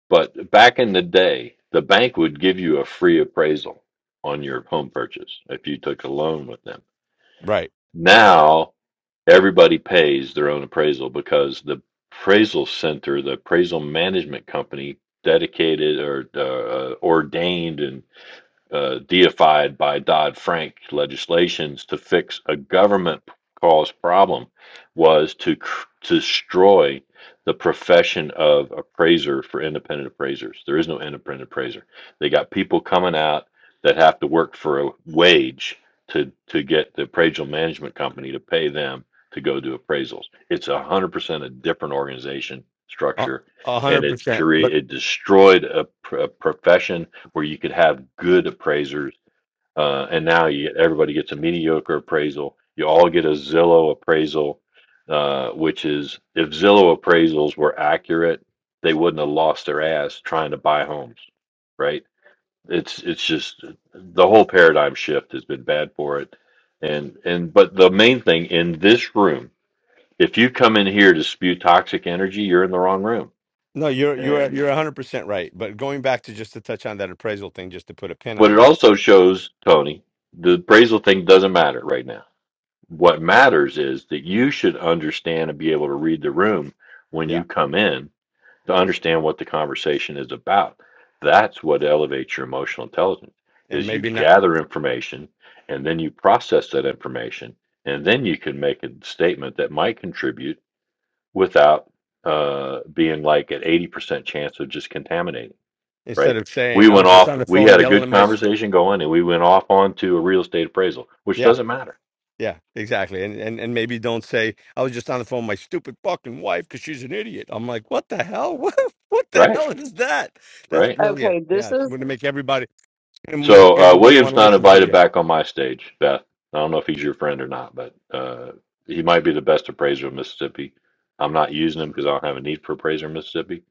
H: but back in the day, the bank would give you a free appraisal on your home purchase if you took a loan with them.
A: right,
H: Now everybody pays their own appraisal because the appraisal center, the appraisal management company, dedicated or uh, ordained and uh, deified by Dodd Frank legislations to fix a government caused problem was to, cr- to destroy the profession of appraiser for independent appraisers. There is no independent appraiser. They got people coming out that have to work for a wage to, to get the appraisal management company to pay them to go do appraisals. It's 100% a different organization
A: a
H: structure
A: a
H: and
A: hundred
H: it
A: percent.
H: cre-
A: But.
H: it destroyed a, pr- a profession where you could have good appraisers. Uh, and now you everybody gets a mediocre appraisal. You all get a Zillow appraisal, uh, which is if Zillow appraisals were accurate, they wouldn't have lost their ass trying to buy homes, right? It's it's just the whole paradigm shift has been bad for it. And and but the main thing in this room, if you come in here to spew toxic energy, you're in the wrong room.
A: No, you're you're
H: And
A: you're 100% right. But going back to just to touch on that appraisal thing, just to put a pin
H: but
A: on
H: it
A: that.
H: also shows Tony the appraisal thing doesn't matter right now What
A: Yeah.
H: matters is that you should understand and be able to read the room when you
A: Yeah.
H: come in to understand what the conversation is about. That's what elevates your emotional intelligence
A: And
H: is you
A: maybe not
H: gather information and then you process that information and then you can make a statement that might contribute without uh, being like at 80% chance of just contaminating,
A: instead
H: right?
A: of
H: We
A: saying I
H: went
A: was just on
H: off,
A: the
H: we
A: phone
H: had a
A: yelling
H: good
A: at my stu-"
H: conversation going and we went off onto a real estate appraisal, which
A: Yeah.
H: doesn't matter,
A: Yeah, exactly. And and and maybe don't say I was just on the phone with my stupid fucking wife cuz she's an idiot. I'm like, "What the hell? What what the
H: right?
A: hell is that?" That's
H: Right
A: brilliant.
B: Okay,
A: Yeah,
B: this
A: it's
B: is
A: going to make everybody going to make
H: So uh,
A: everybody
H: William's
A: want to
H: not
A: listen to
H: invited
A: you.
H: back on my stage, Beth. I don't know if he's your friend or not, but uh, he might be the best appraiser of Mississippi. I'm not using him because I don't have a need for appraiser in Mississippi.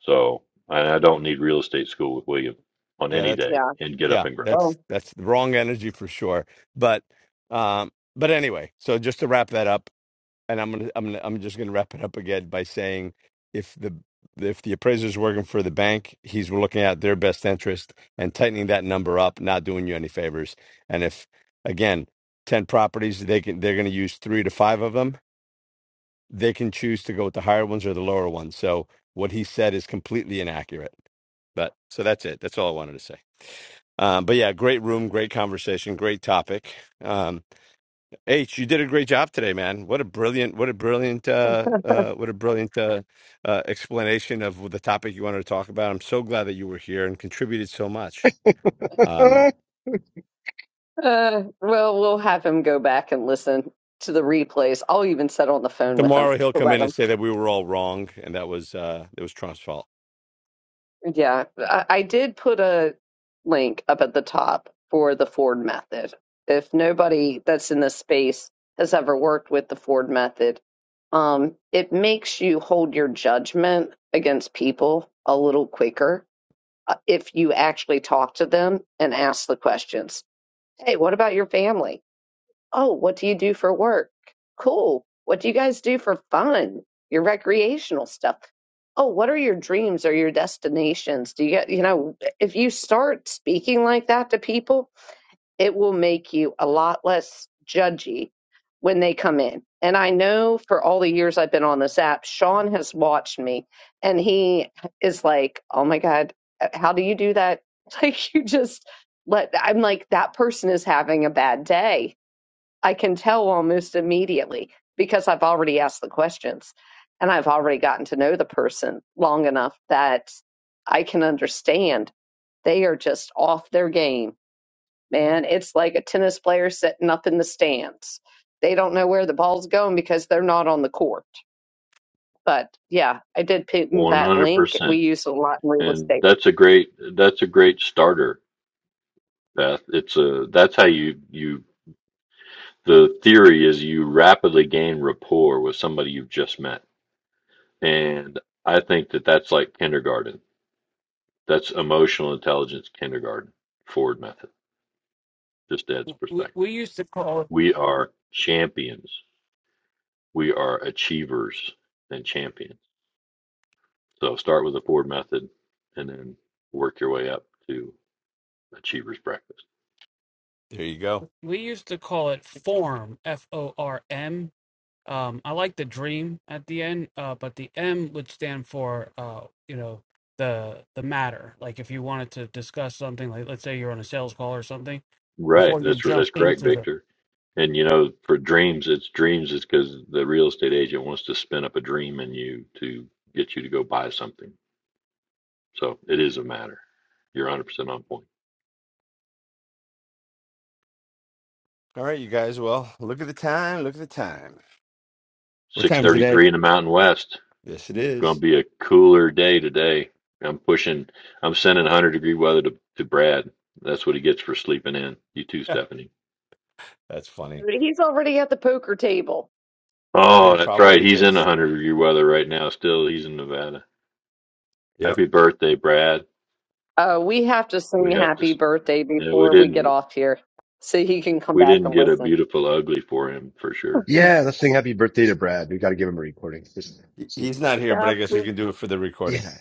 H: So and I don't need real estate school with William on
A: Yeah,
H: any
A: that's
H: day
B: yeah.
H: and get up
A: yeah,
H: and grow.
A: that's
B: Well,
A: that's the wrong energy for sure. But um but anyway, so just to wrap that up, and I'm gonna, I'm gonna, I'm just gonna wrap it up again by saying, if the if the appraiser's working for the bank, he's looking at their best interest and tightening that number up, not doing you any favors. And if again, ten properties, they can they're gonna use three to five of them. They can choose to go with the higher ones or the lower ones. So what he said is completely inaccurate. But so that's it. That's all I wanted to say. Um, but yeah, great room, great conversation, great topic. Um, H, you did a great job today, man. What a brilliant, what a brilliant, uh, uh, what a brilliant uh, uh, explanation of the topic you wanted to talk about. I'm so glad that you were here and contributed so much. Um,
J: yeah.
B: uh, well, we'll have him go back and listen to the replays. I'll even settle on the phone with him
A: tomorrow he'll
B: to
A: come
B: let
A: in and
B: him.
A: say that we were all wrong and that was uh, it was Trump's fault.
B: Yeah, I, I did put a link up at the top for the Ford method. If nobody that's in this space has ever worked with the Ford method, um, it makes you hold your judgment against people a little quicker uh, if you actually talk to them and ask the questions. Hey, what about your family? Oh, what do you do for work? Cool. What do you guys do for fun? Your recreational stuff. Oh, what are your dreams or your destinations? Do you get, you know, if you start speaking like that to people, it will make you a lot less judgy when they come in. And I know for all the years I've been on this app, Sean has watched me and he is like, oh my God, uh, how do you do that? Like, you just let, I'm like, that person is having a bad day I can tell almost immediately because I've already asked the questions and I've already gotten to know the person long enough that I can understand they are just off their game. Man, it's like a tennis player sitting up in the stands. They don't know where the ball's going because they're not on the court. But yeah, I did pin that
H: 100%.
B: link. We use it a lot in real
H: And
B: estate.
H: that's a great that's a great starter, Beth. It's a that's how you you the theory is you rapidly gain rapport with somebody you've just met. And I think that that's like kindergarten That's emotional intelligence kindergarten Ford method. Just adds
D: We
H: perspective.
D: we used to call it
H: We are champions. We are achievers and champions. So start with the Ford method and then work your way up to achievers breakfast.
A: There you go.
D: we used to call it form f o r m Um, I like the dream at the end, uh, but the M would stand for uh, you know, the the matter. Like if you wanted to discuss something, like let's say you're on a sales call or something,
H: Right.
D: before you
H: That's
D: jump
H: that's correct,
D: into the
H: Victor. And you know, for dreams, it's dreams is because the real estate agent wants to spin up a dream in you to get you to go buy something. So it is a matter. You're 100% on point.
A: All right, you guys. Well, look at the time. Look at the time. What time is it, Ed?
H: 633 in the Mountain West.
A: Yes, it
H: Gonna
A: is.
H: be a cooler day today. I'm pushing. I'm sending 100 degree weather to to Brad. That's what he gets for sleeping in. You too, Stephanie.
A: That's funny.
B: He's already at the poker table.
A: Well, he
H: Oh, that's right.
A: probably
H: He's in
A: is.
H: 100 degree weather right now. Still, he's in Nevada.
A: Yep.
H: Happy birthday, Brad.
B: Uh, we have to sing
H: We have to.
B: happy
H: s-
B: birthday
H: No, we
B: before we get
H: didn't.
B: off here so he can come
H: We
B: back
H: didn't
B: and
H: get a
B: listen.
H: beautiful ugly for him for sure.
J: Let's sing happy birthday to Brad. We got to give him a recording. Just
A: He-
J: see.
A: He's not here, but I
B: That
A: guess
B: we
A: we can do it for the recording.
J: Yeah.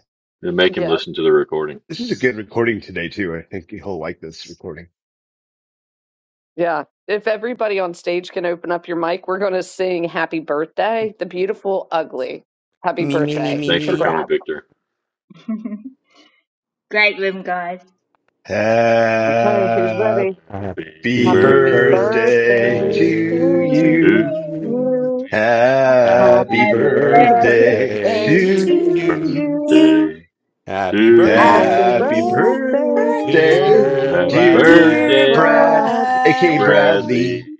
H: And make him
B: yes.
H: listen to the recording.
J: This is a good recording today too. I think he'll like this recording.
B: Yeah. If everybody on stage can open up your mic, we're going to sing happy birthday, the beautiful ugly. Happy
A: Me, me, me,
B: birthday
A: me,
H: Thanks
B: to
H: for
A: me.
H: coming,
B: Brad.
H: Victor.
C: Great room, guys.
B: Okay, who's
J: Uh...
B: ready?
H: Happy
J: Happy
A: Happy
B: Happy
J: birthday to
B: birthday
H: birthday
A: birthday
C: Thank
B: to
A: to
H: to
J: you.
C: you.
A: you.
B: you.
H: you.
B: Happy
J: Happy
A: Happy
C: Happy birthday.
J: birthday
A: birthday
B: birthday to
J: to
A: to
H: Happy
J: you.
A: you.
B: you.
G: You
H: birthday
A: Happy
H: to you.
B: Happy
A: birthday,
C: Happy birthday.
J: Happy
K: Thank
G: happy
B: birthday,
G: birthday.
J: birthday,
A: dear
B: day
H: Happy
J: dear
B: dear
A: Bradley.
H: birthday,
J: Brad,
B: Brad.
H: dear
J: aka
G: Yeah.
J: Bradley,
H: Bradley.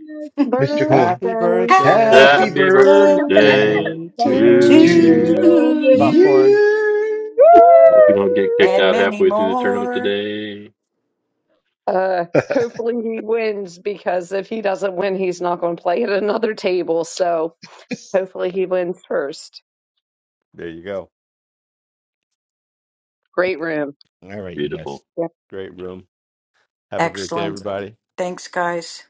J: Mr. Cohen.
A: Happy
B: Birthday
G: Happy
A: birthday
J: Happy
H: Happy
C: Happy
G: birthday
J: birthday
H: birthday
B: to
C: birthday
H: to
A: to
K: you.
A: you.
J: to
H: you.
C: to
B: you.
G: to
C: you.
G: you
A: Popcorn.
J: you.
C: Woo!
H: Hope you don't get kicked
B: Woo!
G: and
H: out
G: many
H: halfway through the tournament
G: more.
H: today.
B: Uh, hopefully he wins because if he doesn't win, he's not going to play at another table. So hopefully he wins first.
A: There you go.
B: Great room.
A: All right, you guys.
H: Beautiful.
B: Yep.
A: Great room. Have a great day,
G: Excellent.
A: everybody.
G: Thanks, guys.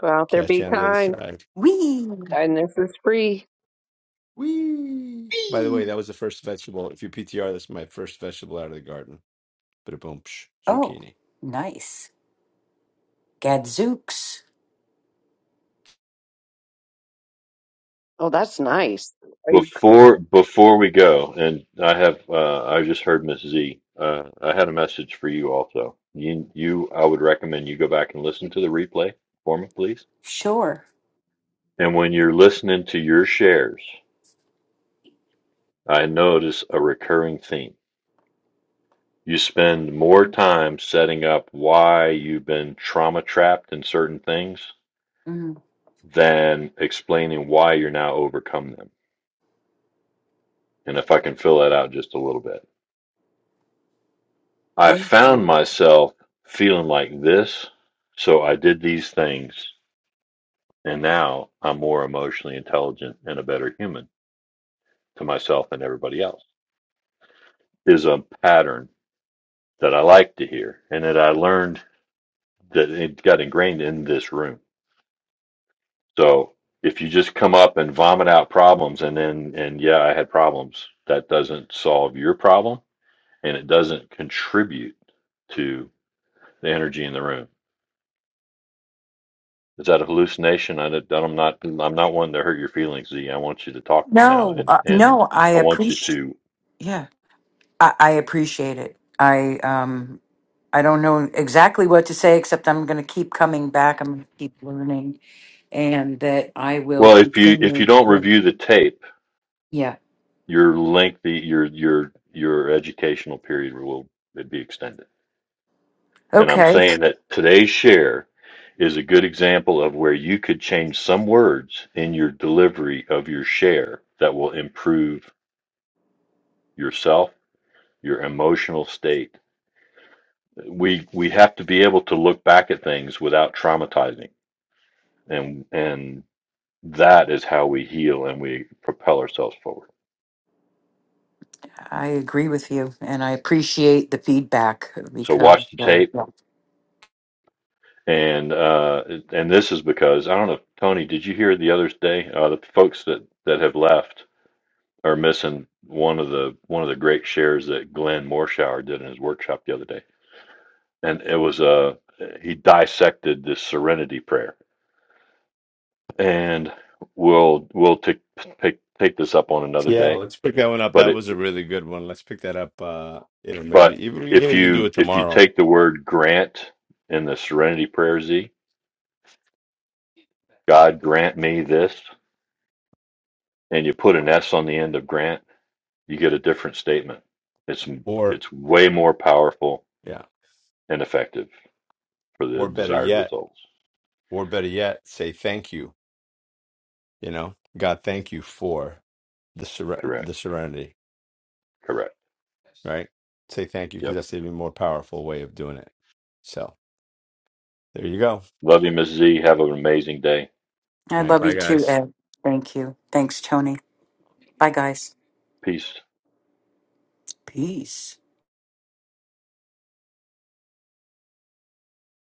B: Go out there,
A: Catch
B: be
A: you on the other
B: kind.
A: side.
G: Wee.
B: And this is free.
A: Whee! By the way, that was the first vegetable. If you PTR, that's my first vegetable out of the garden. Bada boom, psh,
G: Oh,
A: zucchini.
G: nice. Gadzooks.
B: Oh, that's nice.
H: Before before we go, and I have uh, I just heard Miss Z. Uh, I had a message for you also. You you I would recommend you go back and listen to the replay for me, please.
G: Sure.
H: And when you're listening to your shares, I notice a recurring theme. You spend more time setting up why you've been trauma trapped in certain things
G: Mm,
H: than explaining why you're now overcome them. And if I can fill that out just a little bit, I
G: thank you.
H: found myself feeling like this. So I did these things and now I'm more emotionally intelligent and a better human to myself and everybody else is a pattern that I like to hear and that I learned that it got ingrained in this room So if you just come up and vomit out problems and then, and yeah, I had problems, that doesn't solve your problem and it doesn't contribute to the energy in the room. Is that a hallucination? I, don't- I'm not, I'm not one to hurt your feelings, Z. I want you to talk now
G: No,
H: and,
G: uh,
H: and
G: no, I
H: I want you
G: appreciate.
H: to,
G: Yeah, I, I appreciate it. I um, I don't know exactly what to say except I'm going to keep coming back. I'm going to keep learning, and that I will
H: well, if you, if you
G: continue.
H: don't
G: Yeah.
H: review the tape,
G: Yeah.
H: your lengthy, your, your, your educational period will be extended. And I'm
G: Okay.
H: saying that today's share is a good example of where you could change some words in your delivery of your share that will improve yourself, your emotional state. We we have to be able to look back at things without traumatizing. And and that is how we heal and we propel ourselves forward.
G: I agree with you, and I appreciate the feedback
H: So
G: because
H: watch the
G: uh,
H: tape
G: yeah.
H: and uh and this is because I don't know Tony, did you hear the other day uh the folks that that have left are missing one of the one of the great shares that Glenn Morshower did in his workshop the other day, and it was a uh, he dissected this Serenity Prayer, and we'll we'll take take take this up on another
A: Yeah,
H: day.
A: let's pick that one up. That
H: But it
A: was a really good one. Let's pick that up. Uh, you know, maybe
H: but
A: even we can
H: if
A: even do
H: you
A: it
H: if you
A: tomorrow,
H: take the word grant in the Serenity Prayer Z, God grant me this, and you put an S on the end of grant, you get a different statement. It's
A: or
H: it's way more powerful
A: yeah,
H: and effective for the
A: or better
H: desired
A: yet,
H: results.
A: or better yet, say thank you. You know, God, thank you for the seren-
H: Correct.
A: the serenity.
H: Correct.
A: Right? Say thank you because
H: Yep.
A: that's the even more powerful way of doing it. So there you go.
H: Love you, Miss Z. Have an amazing day.
G: I
A: All right,
G: love you
A: bye
G: too,
A: guys.
G: Ed. Thank you. Thanks, Tony. Bye, guys.
H: Peace.
G: Peace.